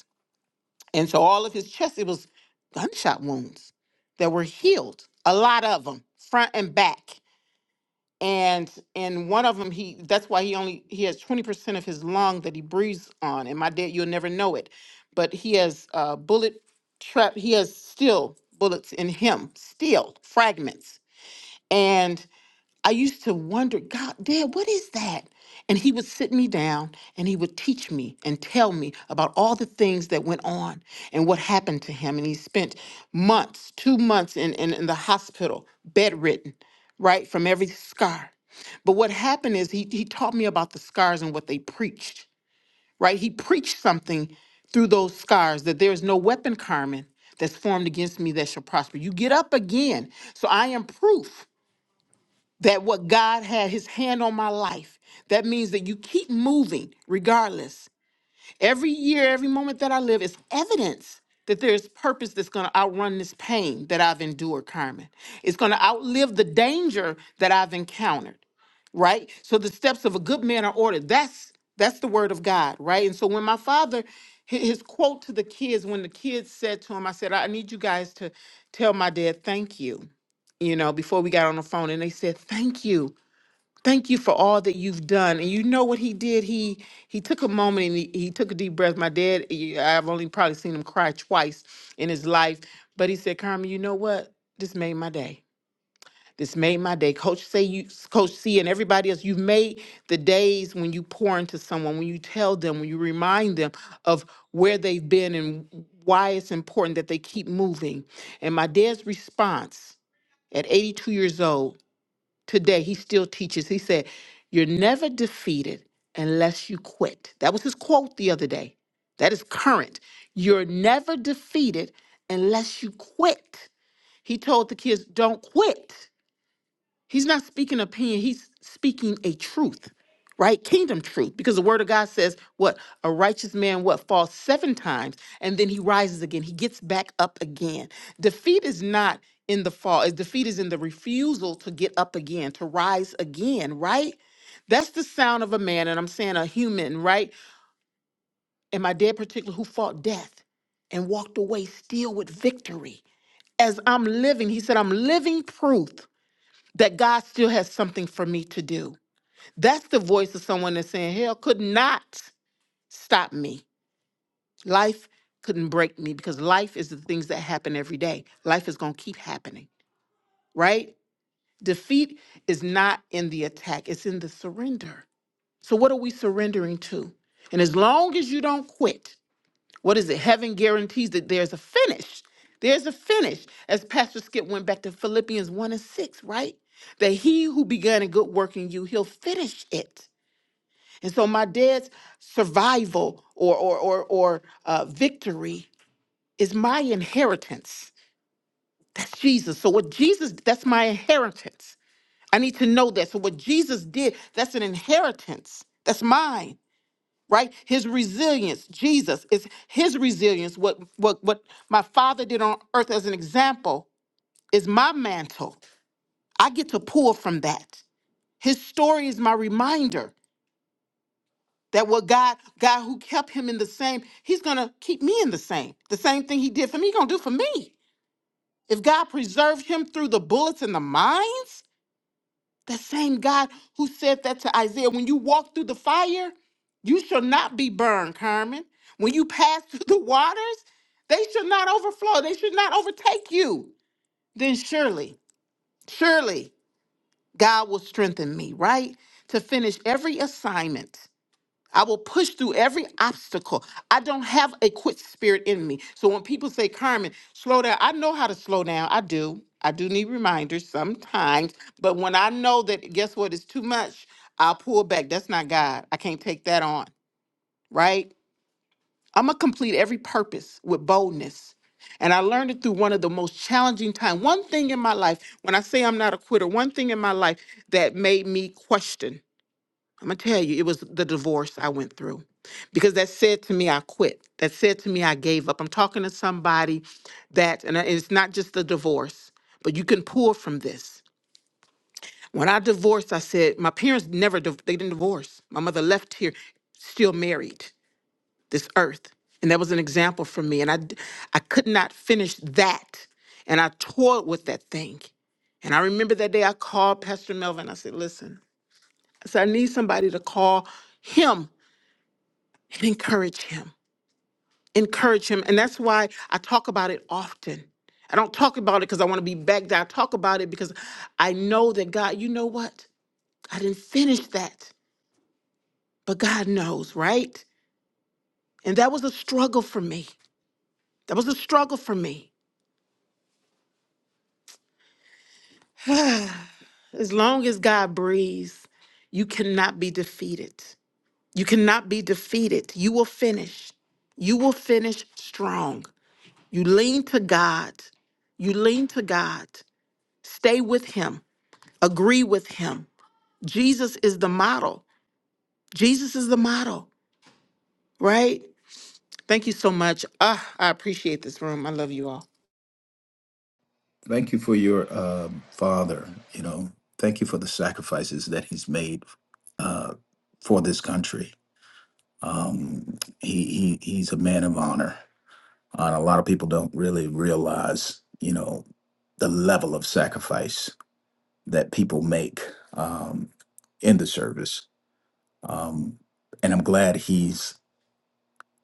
S4: and so all of his chest, it was gunshot wounds that were healed, a lot of them, front and back. And in one of them, he that's why he only he has 20% of his lung that he breathes on. And my dad, you'll never know it. But he has uh bullet trap, he has still bullets in him, still fragments. and. I used to wonder, God, Dad, what is that? And he would sit me down and he would teach me and tell me about all the things that went on and what happened to him. And he spent months, two months in, in, in the hospital, bedridden, right, from every scar. But what happened is he, he taught me about the scars and what they preached, right? He preached something through those scars that there is no weapon, Carmen, that's formed against me that shall prosper. You get up again. So I am proof that what God had his hand on my life. That means that you keep moving regardless. Every year, every moment that I live is evidence that there's purpose that's going to outrun this pain that I've endured, Carmen. It's going to outlive the danger that I've encountered, right? So the steps of a good man are ordered. That's that's the word of God, right? And so when my father hi- his quote to the kids when the kids said to him, I said, I need you guys to tell my dad thank you, you know, before we got on the phone and they said thank you thank you for all that you've done and you know what he did he he took a moment and he, he took a deep breath my dad he- i've only probably seen him cry twice in his life but he said carmen you know what this made my day this made my day coach say you coach c and everybody else you've made the days when you pour into someone when you tell them when you remind them of where they've been and why it's important that they keep moving and my dad's response at 82 years old today he still teaches he said you're never defeated unless you quit that was his quote the other day that is current you're never defeated unless you quit he told the kids don't quit He's not speaking opinion, he's speaking a truth, right? Kingdom truth. Because the word of God says, what? A righteous man what falls seven times and then he rises again. He gets back up again. Defeat is not in the fall. It's defeat is in the refusal to get up again, to rise again, right? That's the sound of a man, and I'm saying a human, right? And my dad particularly, who fought death and walked away still with victory. As I'm living, he said, I'm living proof that God still has something for me to do. That's the voice of someone that's saying, Hell could not stop me. Life couldn't break me because life is the things that happen every day. Life is going to keep happening, right? Defeat is not in the attack, it's in the surrender. So, what are we surrendering to? And as long as you don't quit, What is it? Heaven guarantees that there's a finish. There's a finish. As Pastor Skip went back to Philippians 1 and 6, right? That he who began a good work in you, he'll finish it. And so my dad's survival or or or, or uh, victory is my inheritance. That's Jesus. So what Jesus, that's my inheritance. I need to know that. So what Jesus did, that's an inheritance. That's mine right his resilience jesus is his resilience what what what my father did on earth as an example is my mantle i get to pull from that his story is my reminder that what god god who kept him in the same he's gonna keep me in the same the same thing he did for me he's gonna do for me if god preserved him through the bullets and the mines The same God who said that to Isaiah, when you walk through the fire, you shall not be burned, Carmen. When you pass through the waters, they shall not overflow, they should not overtake you. Then surely, surely God will strengthen me, right? To finish every assignment I will push through every obstacle. I don't have a quit spirit in me. So when people say, Carmen, slow down, I know how to slow down. I do. I do need reminders sometimes. But when I know that, guess what, it's too much, I'll pull back. That's not God. I can't take that on, right? I'm going to complete every purpose with boldness. And I learned it through one of the most challenging times. One thing in my life, when I say I'm not a quitter, one thing in my life that made me question. I'm gonna tell you, it was the divorce I went through because that said to me, I quit. That said to me, I gave up. I'm talking to somebody that, and it's not just the divorce, but you can pull from this. When I divorced, I said, my parents never, div- they didn't divorce. My mother left here still married this earth. And that was an example for me. And I, d- I could not finish that. And I toiled with that thing. And I remember that day I called Pastor Melvin. I said, listen, I said, I need somebody to call him and encourage him encourage him and that's why i talk about it often i don't talk about it because i want to be back there i talk about it because i know that god you know what i didn't finish that but god knows right and that was a struggle for me that was a struggle for me as long as god breathes you cannot be defeated you cannot be defeated you will finish you will finish strong you lean to god you lean to god Stay with him, agree with him. Jesus is the model. Jesus is the model, right? Thank you so much. Ah, I appreciate this room. I love you all.
S5: Thank you for your uh, father. You know, thank you for the sacrifices that he's made uh, for this country. Um, he, he he's a man of honor, Uh, a lot of people don't really realize, you know, the level of sacrifice that people make um, in the service. Um, and I'm glad he's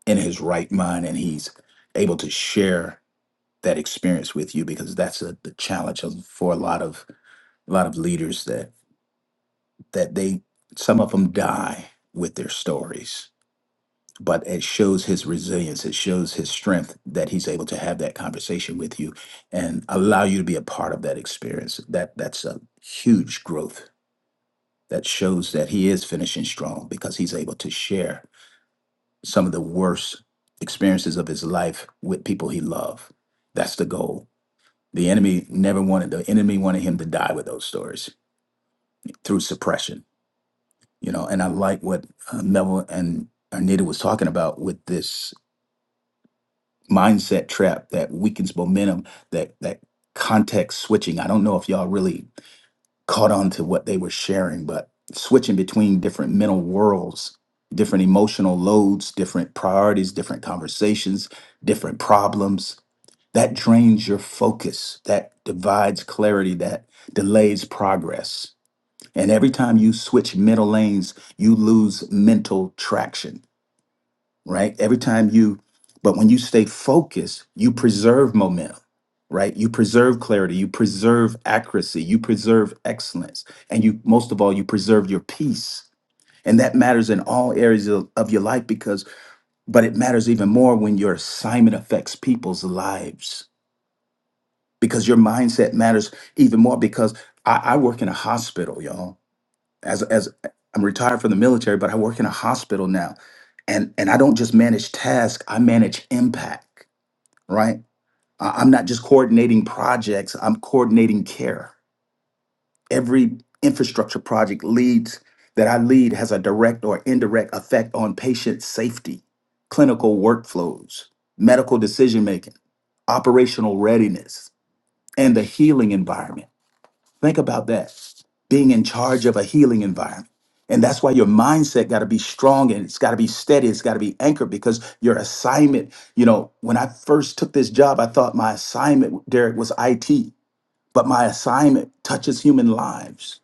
S5: in his right mind and he's able to share that experience with you because that's a, the challenge of, for a lot of a lot of leaders that that they some of them die with their stories but it shows his resilience. It shows his strength that he's able to have that conversation with you and allow you to be a part of that experience. That that's a huge growth. That shows that he is finishing strong because he's able to share some of the worst experiences of his life with people he loved. That's the goal. The enemy never wanted the enemy wanted him to die with those stories through suppression. You know, and I like what uh, Neville and Arnita was talking about with this mindset trap that weakens momentum that that context switching i don't know if y'all really caught on to what they were sharing but switching between different mental worlds different emotional loads different priorities different conversations different problems that drains your focus that divides clarity that delays progress and every time you switch mental lanes you lose mental traction right? Every time you, but when you stay focused, you preserve momentum, right? You preserve clarity, you preserve accuracy, you preserve excellence, and you, most of all, you preserve your peace. And that matters in all areas of, of your life because, but it matters even more when your assignment affects people's lives because your mindset matters even more because I, I work in a hospital, y'all as as I'm retired from the military, but I work in a hospital now, and and I don't just manage tasks; I manage impact. Right? I- I'm not just coordinating projects; I'm coordinating care. Every infrastructure project leads that I lead has a direct or indirect effect on patient safety, clinical workflows, medical decision making, operational readiness, and the healing environment. Think about that. Being in charge of a healing environment. And that's why your mindset got to be strong and it's got to be steady. It's got to be anchored because your assignment, you know, when I first took this job, I thought my assignment, Derek, was IT, but my assignment touches human lives.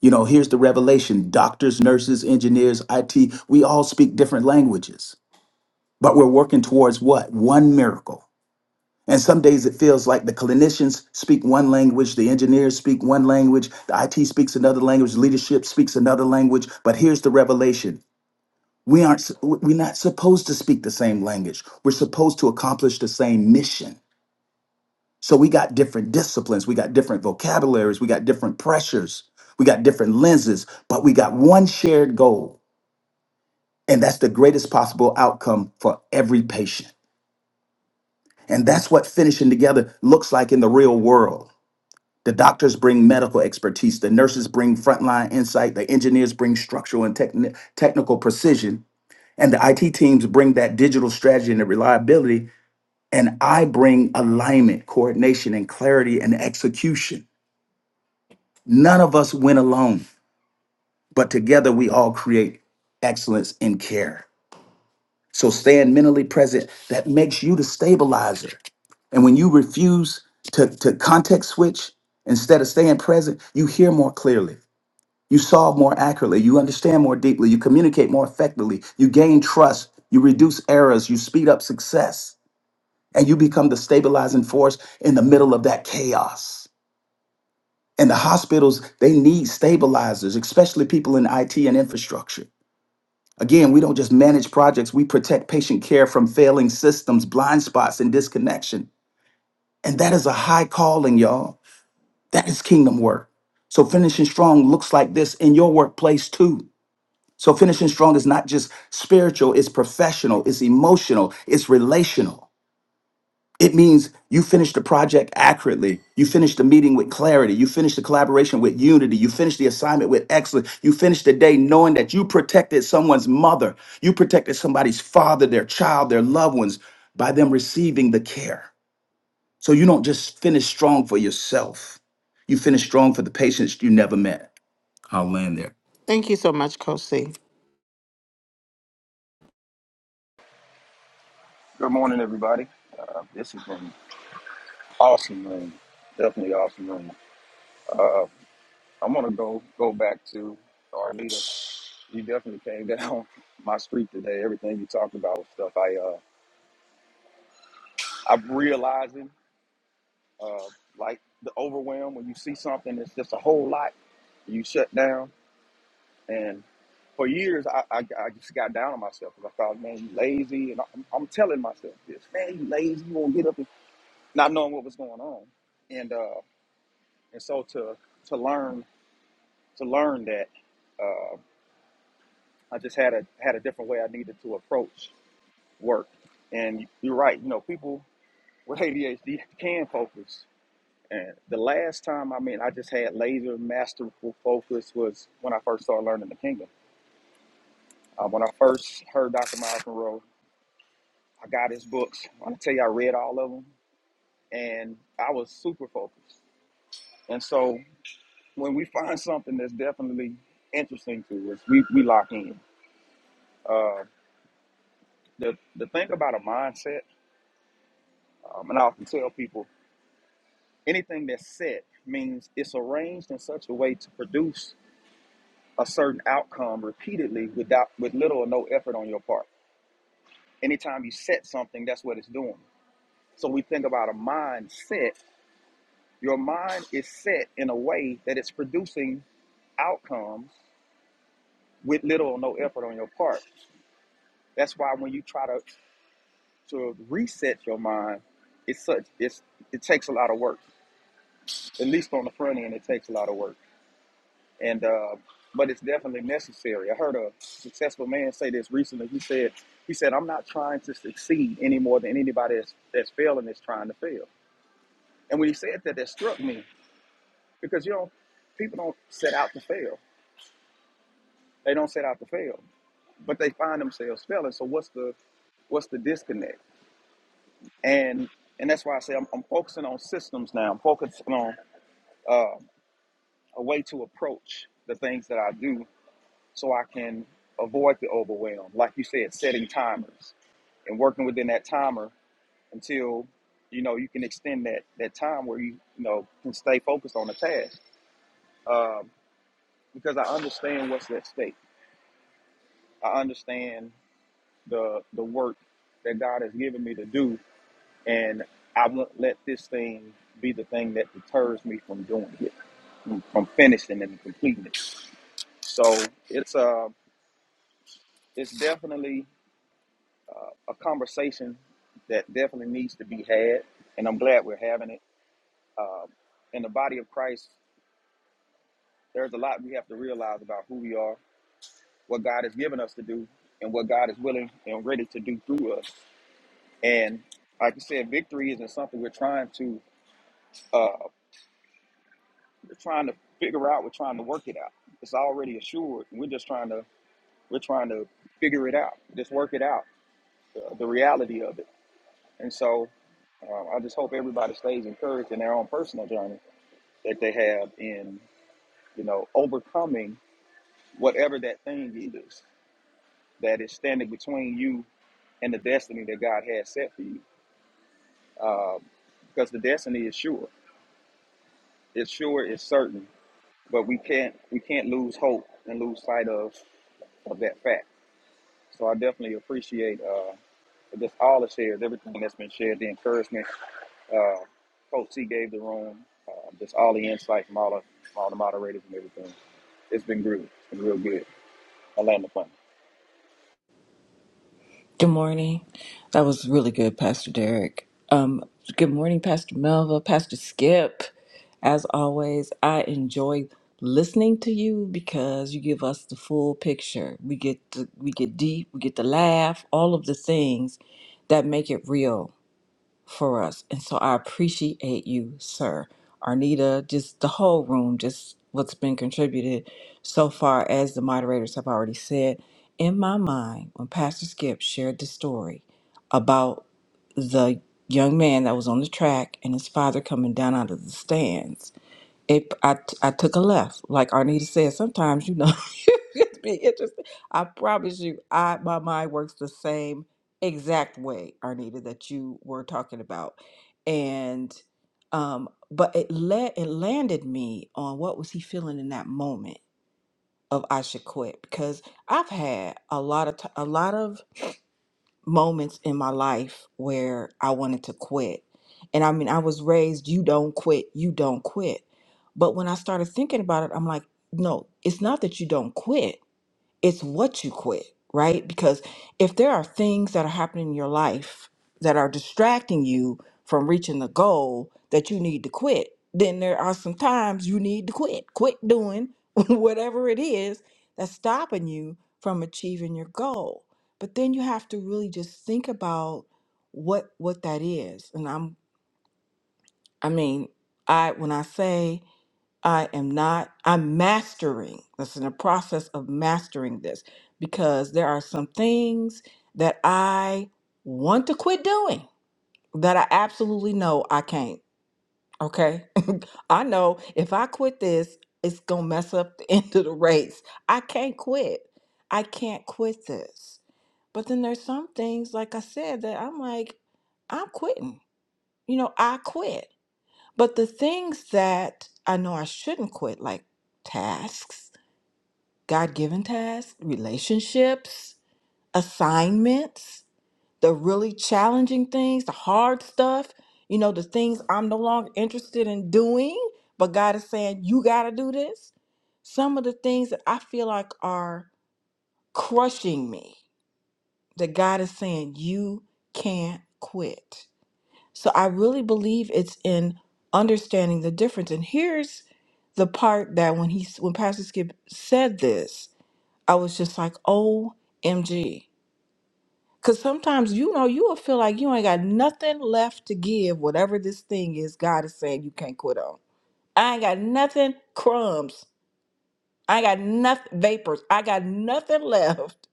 S5: You know, here's the revelation doctors, nurses, engineers, IT, we all speak different languages, but we're working towards what? One miracle and some days it feels like the clinicians speak one language, the engineers speak one language, the IT speaks another language, leadership speaks another language. But here's the revelation we aren't, s- we're not supposed to speak the same language. We're supposed to accomplish the same mission. So we got different disciplines, we got different vocabularies, we got different pressures, we got different lenses, but we got one shared goal. And that's the greatest possible outcome for every patient. And that's what finishing together looks like in the real world. The doctors bring medical expertise, the nurses bring frontline insight, the engineers bring structural and techni- technical precision, and the IT teams bring that digital strategy and the reliability. And I bring alignment, coordination, and clarity and execution. None of us win alone, but together we all create excellence in care. So staying mentally present, that makes you the stabilizer. And when you refuse to, to context switch instead of staying present, you hear more clearly. You solve more accurately. You understand more deeply. You communicate more effectively. You gain trust. You reduce errors. You speed up success. And you become the stabilizing force in the middle of that chaos. And the hospitals, they need stabilizers, especially people in IT and infrastructure. Again, we don't just manage projects, we protect patient care from failing systems, blind spots, and disconnection. And that is a high calling, y'all. That is kingdom work. So finishing strong looks like this in your workplace too. So finishing strong is not just spiritual, it's professional, it's emotional, it's relational. It means you finish the project accurately. You finish the meeting with clarity. You finish the collaboration with unity. You finish the assignment with excellence. You finish the day knowing that you protected someone's mother. You protected somebody's father, their child, their loved ones by them receiving the care. So you don't just finish strong for yourself. You finish strong for the patients you never met. I'll land there.
S4: Thank you so much, Coach C.
S6: Good morning, everybody. Uh, this has been awesome room, definitely awesome room. I want to go go back to our leader. You definitely came down my street today. Everything you talked about was stuff I uh, I'm realizing, uh, like the overwhelm when you see something that's just a whole lot, you shut down. And for years, I, I, I just got down on myself because I thought, man, you lazy. And I'm, I'm telling myself this, man, you lazy. You won't get up, and not knowing what was going on. And uh, and so to to learn to learn that uh, I just had a had a different way I needed to approach work. And you're right, you know, people with ADHD can focus. And the last time, I mean, I just had laser masterful focus was when I first started learning the Kingdom. Uh, when I first heard Dr. Miles Monroe, I got his books. I tell you, I read all of them, and I was super focused. And so when we find something that's definitely interesting to us, we, we lock in. Um, the the thing about a mindset, um, and I often tell people, anything that's set means it's arranged in such a way to produce a certain outcome repeatedly without with little or no effort on your part. Anytime you set something, that's what it's doing. So we think about a mindset. Your mind is set in a way that it's producing outcomes with little or no effort on your part. That's why when you try to, to reset your mind, it's such it's it takes a lot of work. At least on the front end, it takes a lot of work. and uh, but it's definitely necessary. I heard a successful man say this recently. He said, he said, I'm not trying to succeed any more than anybody that's, that's failing is trying to fail. And when he said that, that struck me because you know, people don't set out to fail. They don't set out to fail, but they find themselves failing. So what's the what's the disconnect? And and that's why I say I'm, I'm focusing on systems now. I'm focusing on uh, a way to approach the things that I do so I can avoid the overwhelm. Like you said, setting timers and working within that timer until you know you can extend that that time where you you know can stay focused on the task. Um, because I understand what's at stake. I understand the the work that God has given me to do, and I won't let this thing be the thing that deters me from doing it, from finishing and completing it. So it's uh, it's definitely uh, a conversation that definitely needs to be had, and I'm glad we're having it. Um, in the body of Christ, there's a lot we have to realize about who we are, what God has given us to do, and what God is willing and ready to do through us. And like you said, victory isn't something we're trying to uh, we're trying to figure out. We're trying to work it out. It's already assured. We're just trying to we're trying to figure it out, just work it out, the, the reality of it. And so um, I just hope everybody stays encouraged in their own personal journey that they have in, you know, overcoming whatever that thing is that is standing between you and the destiny that God has set for you. Um, because the destiny is sure. It's sure, it's certain, but we can't we can't lose hope and lose sight of of that fact. So I definitely appreciate uh, just all the shares, everything that's been shared, the encouragement uh, Coach C gave the room, uh, just all the insight from all, the, from all the moderators and everything. It's been good. It's been real good. I land the plane.
S13: Good morning. That was really good, Pastor Derek. Um, good morning, Pastor Melva, Pastor Skip. As always, I enjoy listening to you because you give us the full picture. We get to, we get deep, we get to laugh, all of the things that make it real for us. And so I appreciate you, sir. Arnita, just the whole room, just what's been contributed so far, as the moderators have already said. In my mind, when Pastor Skip shared the story about the young man that was on the track and his father coming down out of the stands, it, I I took a left. Like Arnita said, sometimes, you know, it's be interesting. I promise you, I my mind works the same exact way, Arnita, that you were talking about. And um, but it let it landed me on what was he feeling in that moment of I should quit because I've had a lot of t- a lot of moments in my life where I wanted to quit. And I mean, I was raised, you don't quit, you don't quit. But when I started thinking about it, I'm like, no, it's not that you don't quit it's what you quit, right? Because if there are things that are happening in your life that are distracting you from reaching the goal that you need to quit, then there are some times you need to quit. Quit doing whatever it is that's stopping you from achieving your goal. But then you have to really just think about what what that is. And I'm I mean, I when I say I am not, I'm mastering. That's in the process of mastering this because there are some things that I want to quit doing that I absolutely know I can't. Okay. I know if I quit this, it's going to mess up the end of the race. I can't quit. I can't quit this. But then there's some things, like I said, that I'm like, I'm quitting. You know, I quit but the things that I know I shouldn't quit, like tasks, God given tasks, relationships, assignments, the really challenging things, the hard stuff, you know, the things I'm no longer interested in doing, but God is saying, you got to do this. Some of the things that I feel like are crushing me, that God is saying, you can't quit. So I really believe it's in understanding the difference. And here's the part that when he when Pastor Skip said this, I was just like, "OMG." Cuz sometimes you know you will feel like you ain't got nothing left to give whatever this thing is God is saying you can't quit on. I ain't got nothing crumbs. I ain't got nothing vapors. I got nothing left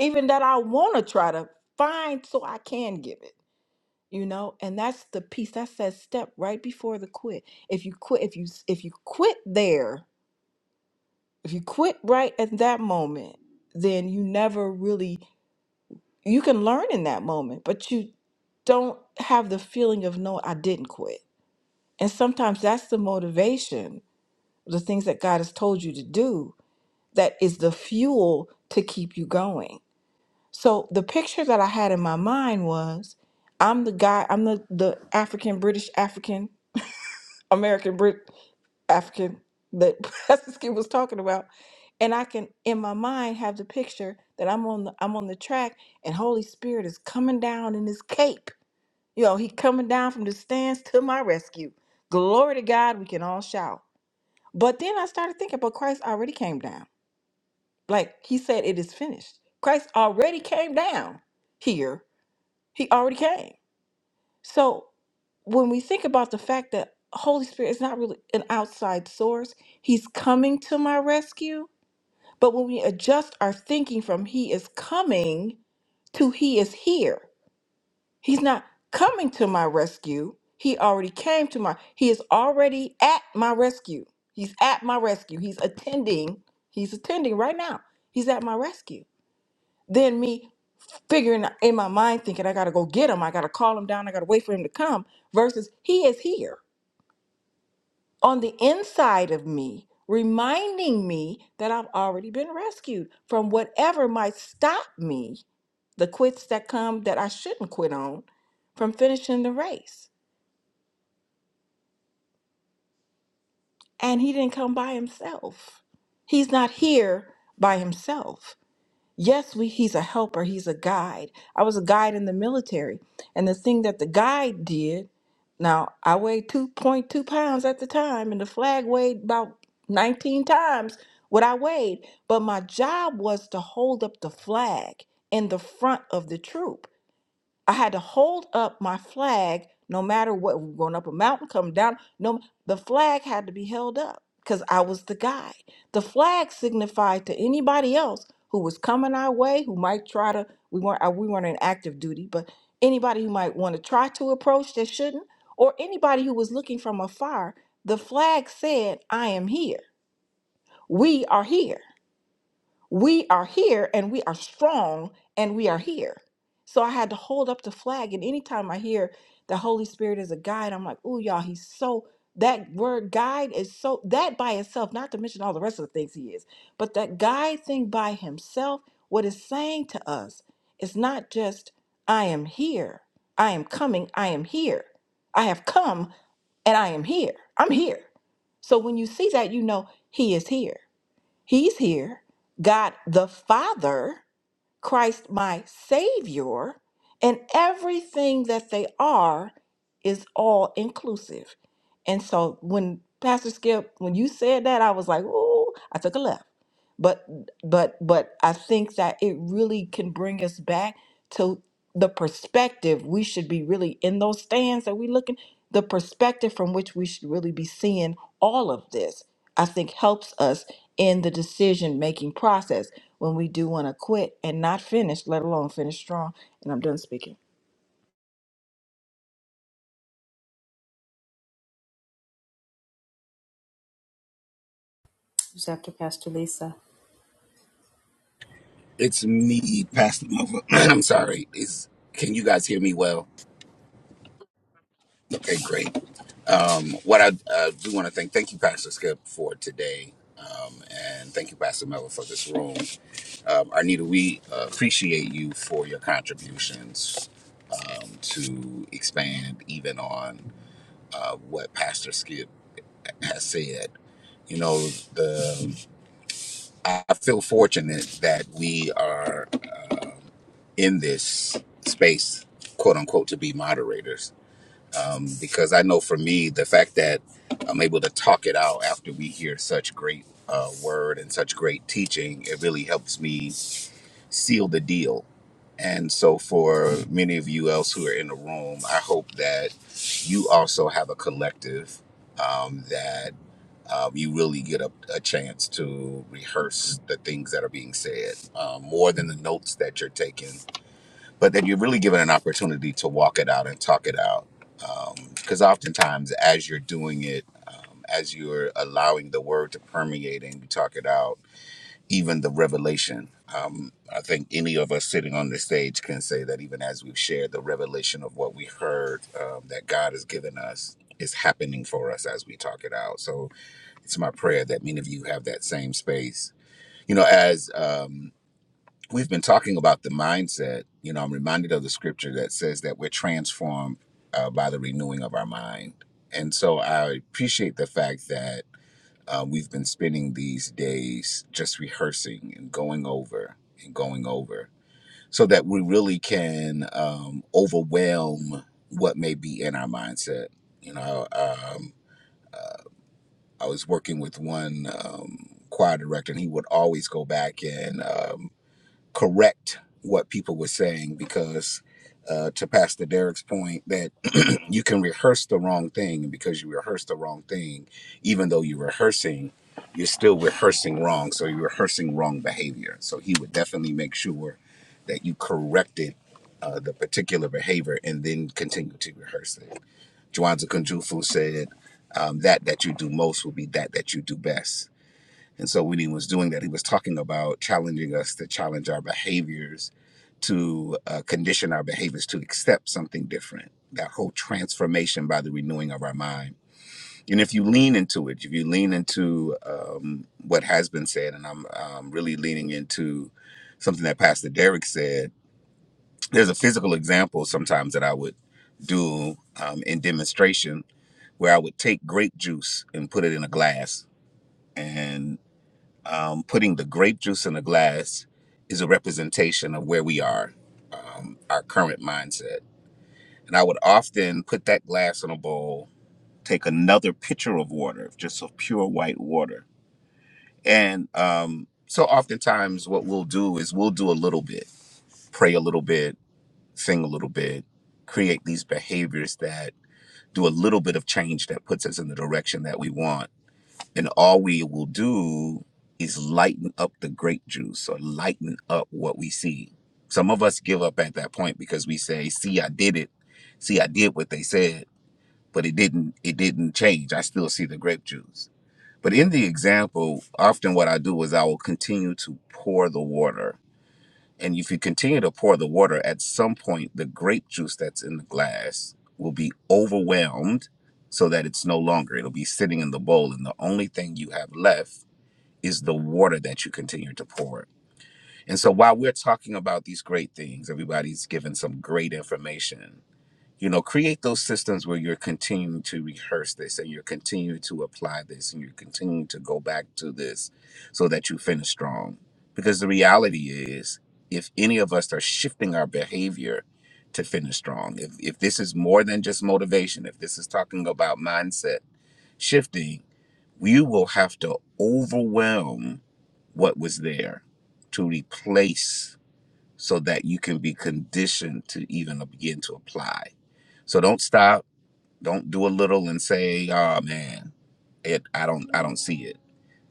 S13: even that I want to try to find so I can give it. you know and that's the piece that says step right before the quit if you quit if you if you quit there if you quit right at that moment then you never really you can learn in that moment but you don't have the feeling of no i didn't quit and sometimes that's the motivation the things that god has told you to do that is the fuel to keep you going so the picture that i had in my mind was i'm the guy i'm the the african british african American Brit African that Pastor Skip was talking about. And I can in my mind have the picture that I'm on the I'm on the track and Holy Spirit is coming down in his cape. You know, he coming down from the stands to my rescue. Glory to God, we can all shout. But then I started thinking, but Christ already came down. Like he said, it is finished. Christ already came down here. He already came. So when we think about the fact that Holy Spirit is not really an outside source, he's coming to my rescue. But when we adjust our thinking from he is coming to he is here. He's not coming to my rescue. He already came to my he is already at my rescue. He's at my rescue. He's attending. He's attending right now. He's at my rescue. Then me figuring in my mind thinking i gotta go get him i gotta call him down i gotta wait for him to come versus he is here on the inside of me reminding me that i've already been rescued from whatever might stop me the quits that come that i shouldn't quit on from finishing the race and he didn't come by himself he's not here by himself Yes, we, he's a helper, he's a guide. I was a guide in the military. And the thing that the guide did, now I weighed 2.2 pounds at the time, and the flag weighed about 19 times what I weighed. But my job was to hold up the flag in the front of the troop. I had to hold up my flag no matter what, we were going up a mountain, come down. No, the flag had to be held up because I was the guy. The flag signified to anybody else who was coming our way, who might try to, we weren't, uh, we weren't in active duty, but anybody who might want to try to approach that shouldn't, or anybody who was looking from afar, the flag said, I am here. We are here we are here and we are strong and we are here. So I had to hold up the flag. And anytime I hear the Holy Spirit is a guide, I'm like, oh, y'all, he's so, that word guide is so, that by itself, not to mention all the rest of the things he is, but that guide thing by himself, what it's saying to us is not just, I am here, I am coming, I am here, I have come and I am here, I'm here. So when you see that, you know he is here. He's here. God the Father, Christ my Savior, and everything that they are is all inclusive. And so when Pastor Skip, when you said that, I was like, ooh, I took a left but but but i think that it really can bring us back to the perspective we should be really in those stands that we looking the perspective from which we should really be seeing all of this i think helps us in the decision making process when we do want to quit and not finish let alone finish strong and i'm done speaking
S1: Who's after Pastor Lisa?
S14: It's me, Pastor Nova. I'm sorry. Is can you guys hear me well? Okay, great. What I uh, do want to thank, thank you, Pastor Skip, for today, um, and thank you, Pastor Melva, for this room. Um, Arnita, we uh, appreciate you for your contributions um, to expand even on uh, what Pastor Skip has said. You know the I feel fortunate that we are um in this space, quote unquote, to be moderators. Um, because I know for me, the fact that I'm able to talk it out after we hear such great uh, word and such great teaching, it really helps me seal the deal. And so, for many of you else who are in the room, I hope that you also have a collective um, that um, you really get a, a chance to rehearse the things that are being said um, more than the notes that you're taking, but that you're really given an opportunity to walk it out and talk it out. Because oftentimes, as you're doing it, um, as you're allowing the word to permeate and you talk it out, even the revelation. Um, I think any of us sitting on this stage can say that even as we've shared the revelation of what we heard um, that God has given us is happening for us as we talk it out. So it's my prayer that many of you have that same space. You know, as um, we've been talking about the mindset, you know, I'm reminded of the scripture that says that we're transformed uh, by the renewing of our mind. And so I appreciate the fact that uh, we've been spending these days just rehearsing and going over and going over so that we really can um, overwhelm what may be in our mindset. You know, um, uh, I was working with one um, choir director, and he would always go back and um, correct what people were saying because uh, to pastor derek's point that you can rehearse the wrong thing and because you rehearse the wrong thing even though you're rehearsing you're still rehearsing wrong so you're rehearsing wrong behavior so he would definitely make sure that you corrected uh, the particular behavior and then continue to rehearse it. Juanza Kunjufu said, um, "That that you do most will be that that you do best." And so when he was doing that, he was talking about challenging us to challenge our behaviors, to uh, condition our behaviors to accept something different. That whole transformation by the renewing of our mind. And if you lean into it, if you lean into um, what has been said, and I'm um, really leaning into something that Pastor Derek said, there's a physical example sometimes that I would do um, in demonstration where I would take grape juice and put it in a glass and um, putting the grape juice in a glass is a representation of where we are, um, our current mindset. And I would often put that glass in a bowl, take another pitcher of water, just of pure white water. And um, so oftentimes, what we'll do is we'll do a little bit, pray a little bit, sing a little bit, create these behaviors that do a little bit of change that puts us in the direction that we want And all we will do is lighten up the grape juice or lighten up what we see. Some of us give up at that point because we say, see, I did it. See, I did what they said, but it didn't, it didn't change. I still see the grape juice. But in the example, often what I do is I will continue to pour the water. And if you continue to pour the water, at some point, the grape juice that's in the glass will be overwhelmed so that it's no longer. It'll be sitting in the bowl. And the only thing you have left is the water that you continue to pour. And so while we're talking about these great things, everybody's given some great information. You know, create those systems where you're continuing to rehearse this and you're continuing to apply this and you're continuing to go back to this so that you finish strong. Because the reality is, if any of us are shifting our behavior to finish strong, if, if this is more than just motivation, if this is talking about mindset shifting, you will have to overwhelm what was there to replace so that you can be conditioned to even begin to apply. So don't stop. Don't do a little and say, oh man, it I don't I don't see it.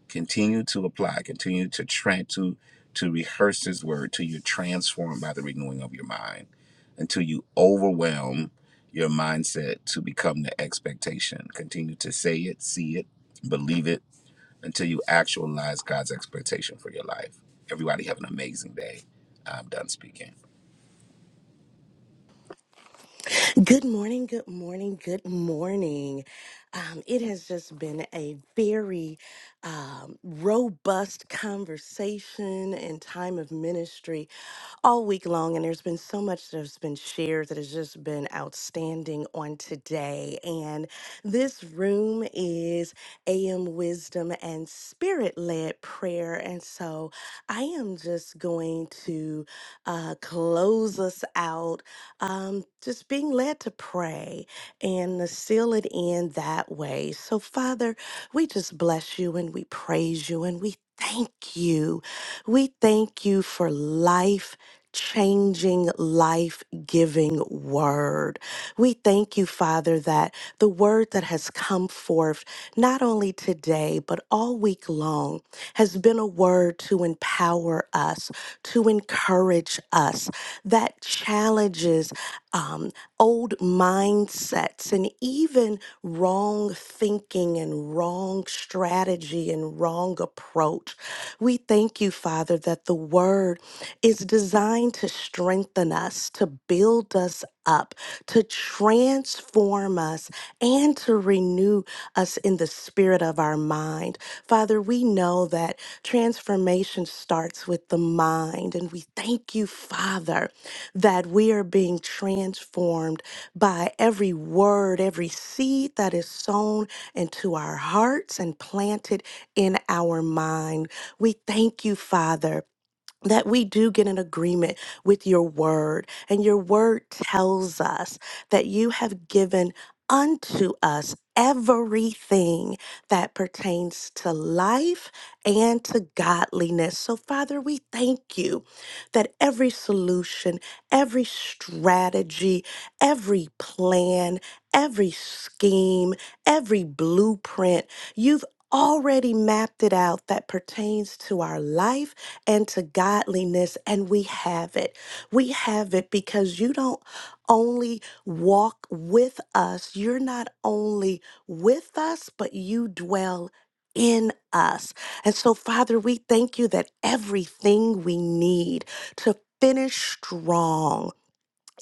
S14: Continue to apply, continue to try to to rehearse his word till you're transformed by the renewing of your mind, until you overwhelm your mindset to become the expectation. Continue to say it, see it, believe it, until you actualize God's expectation for your life. Everybody have an amazing day. I'm done speaking.
S10: Good morning, good morning, good morning. Um, it has just been a very um, robust conversation and time of ministry all week long. And there's been so much that has been shared that has just been outstanding on today. And this room is AM Wisdom and Spirit led prayer. And so I am just going to uh, close us out um, just being led to pray and to seal it in that way. So, Father, we just bless you and we praise you and we thank you. We thank you for life changing, life giving word. We thank you, Father, that the word that has come forth not only today, but all week long has been a word to empower us, to encourage us, that challenges um, old mindsets and even wrong thinking and wrong strategy and wrong approach. We thank you, Father, that the word is designed to strengthen us, to build us up, to transform us, and to renew renew us in the spirit of our mind. Father, we know that transformation starts with the mind, and we thank you, Father, that we are being transformed by every word, every seed that is sown into our hearts and planted in our mind. We thank you, Father that we do get an agreement with your word. And your word tells us that you have given unto us everything that pertains to life and to godliness. So, Father, we thank you that every solution, every strategy, every plan, every scheme, every blueprint, you've already mapped it out that pertains to our life and to godliness, and we have it. We have it because you don't only walk with us, you're not only with us, but you dwell in us. And so, Father, we thank you that everything we need to finish strong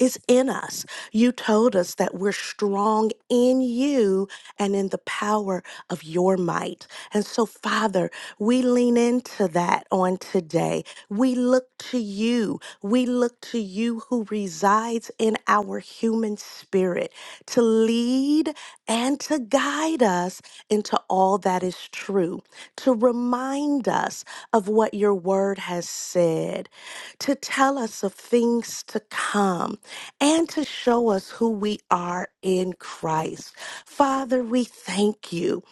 S10: it's in us. You told us that we're strong in you and in the power of your might. And so, Father, we lean into that on today. We look to you. We look to you who resides in our human spirit to lead and to guide us into all that is true, to remind us of what your word has said, to tell us of things to come and to show us who we are in Christ. Father, we thank you.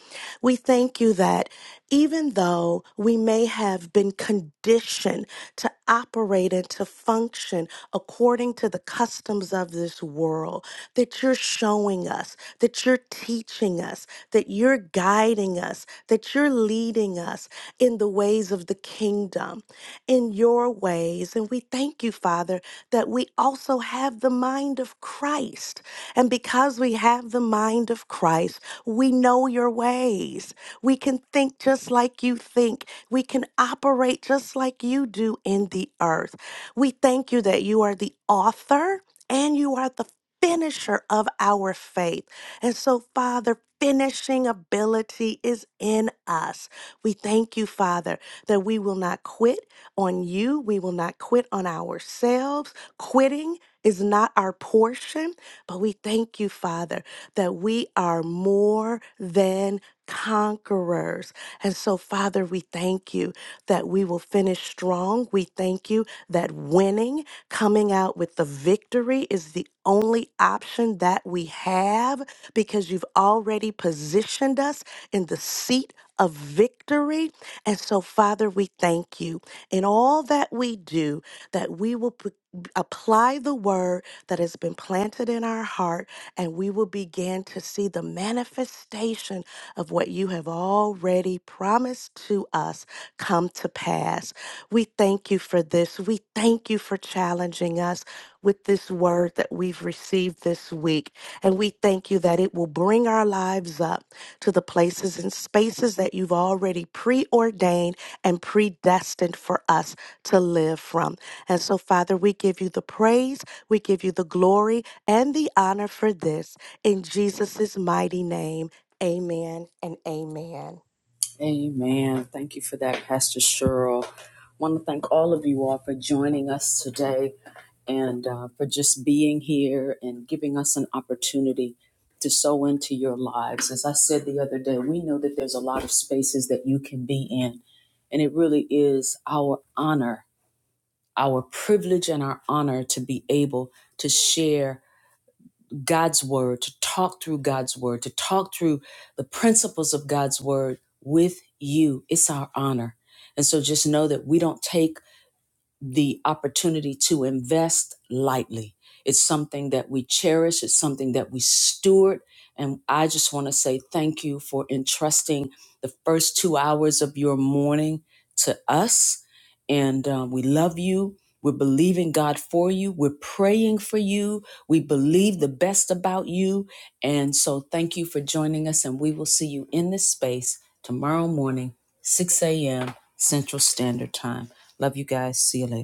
S10: We thank you that even though we may have been conditioned to operate and to function according to the customs of this world, that you're showing us, that you're teaching us, that you're guiding us, that you're leading us in the ways of the kingdom, in your ways. And we thank you, Father that we also have the mind of Christ. And because we have the mind of Christ, we know your ways. We can think just like you think. We can operate just like you do in the earth. We thank you that you are the author and you are the finisher of our faith. And so, Father, finishing ability is in us. We thank you, Father, that we will not quit on you. We will not quit on ourselves Quitting is not our portion, but we thank you, Father, that we are more than conquerors. And so, Father, we thank you that we will finish strong. We thank you that winning, coming out with the victory, is the only option that we have because you've already positioned us in the seat of victory. And so, Father, we thank you in all that we do that we will apply the word that has been planted in our heart, and we will begin to see the manifestation of what you have already promised to us come to pass. We thank you for this. We thank you for challenging us with this word that we've received this week. And we thank you that it will bring our lives up to the places and spaces that you've already preordained and predestined for us to live from. And so, Father, we give you the praise, we give you the glory and the honor for this. In Jesus' mighty name, amen and amen.
S1: Amen. Thank you for that, Pastor Cheryl. want to thank all of you all for joining us today. and uh, for just being here and giving us an opportunity to sow into your lives. As I said the other day, we know that there's a lot of spaces that you can be in, and it really is our honor, our privilege, and our honor to be able to share God's word, to talk through God's word, to talk through the principles of God's word with you. It's our honor. And so just know that we don't take the opportunity to invest lightly. It's something that we cherish, it's something that we steward. And I just want to say thank you for entrusting the first two hours of your morning to us. And um, we love you. We're believing God for you. We're praying for you. We believe the best about you. And so thank you for joining us. And we will see you in this space tomorrow morning, 6 a.m. Central Standard Time. Love you guys. See you later.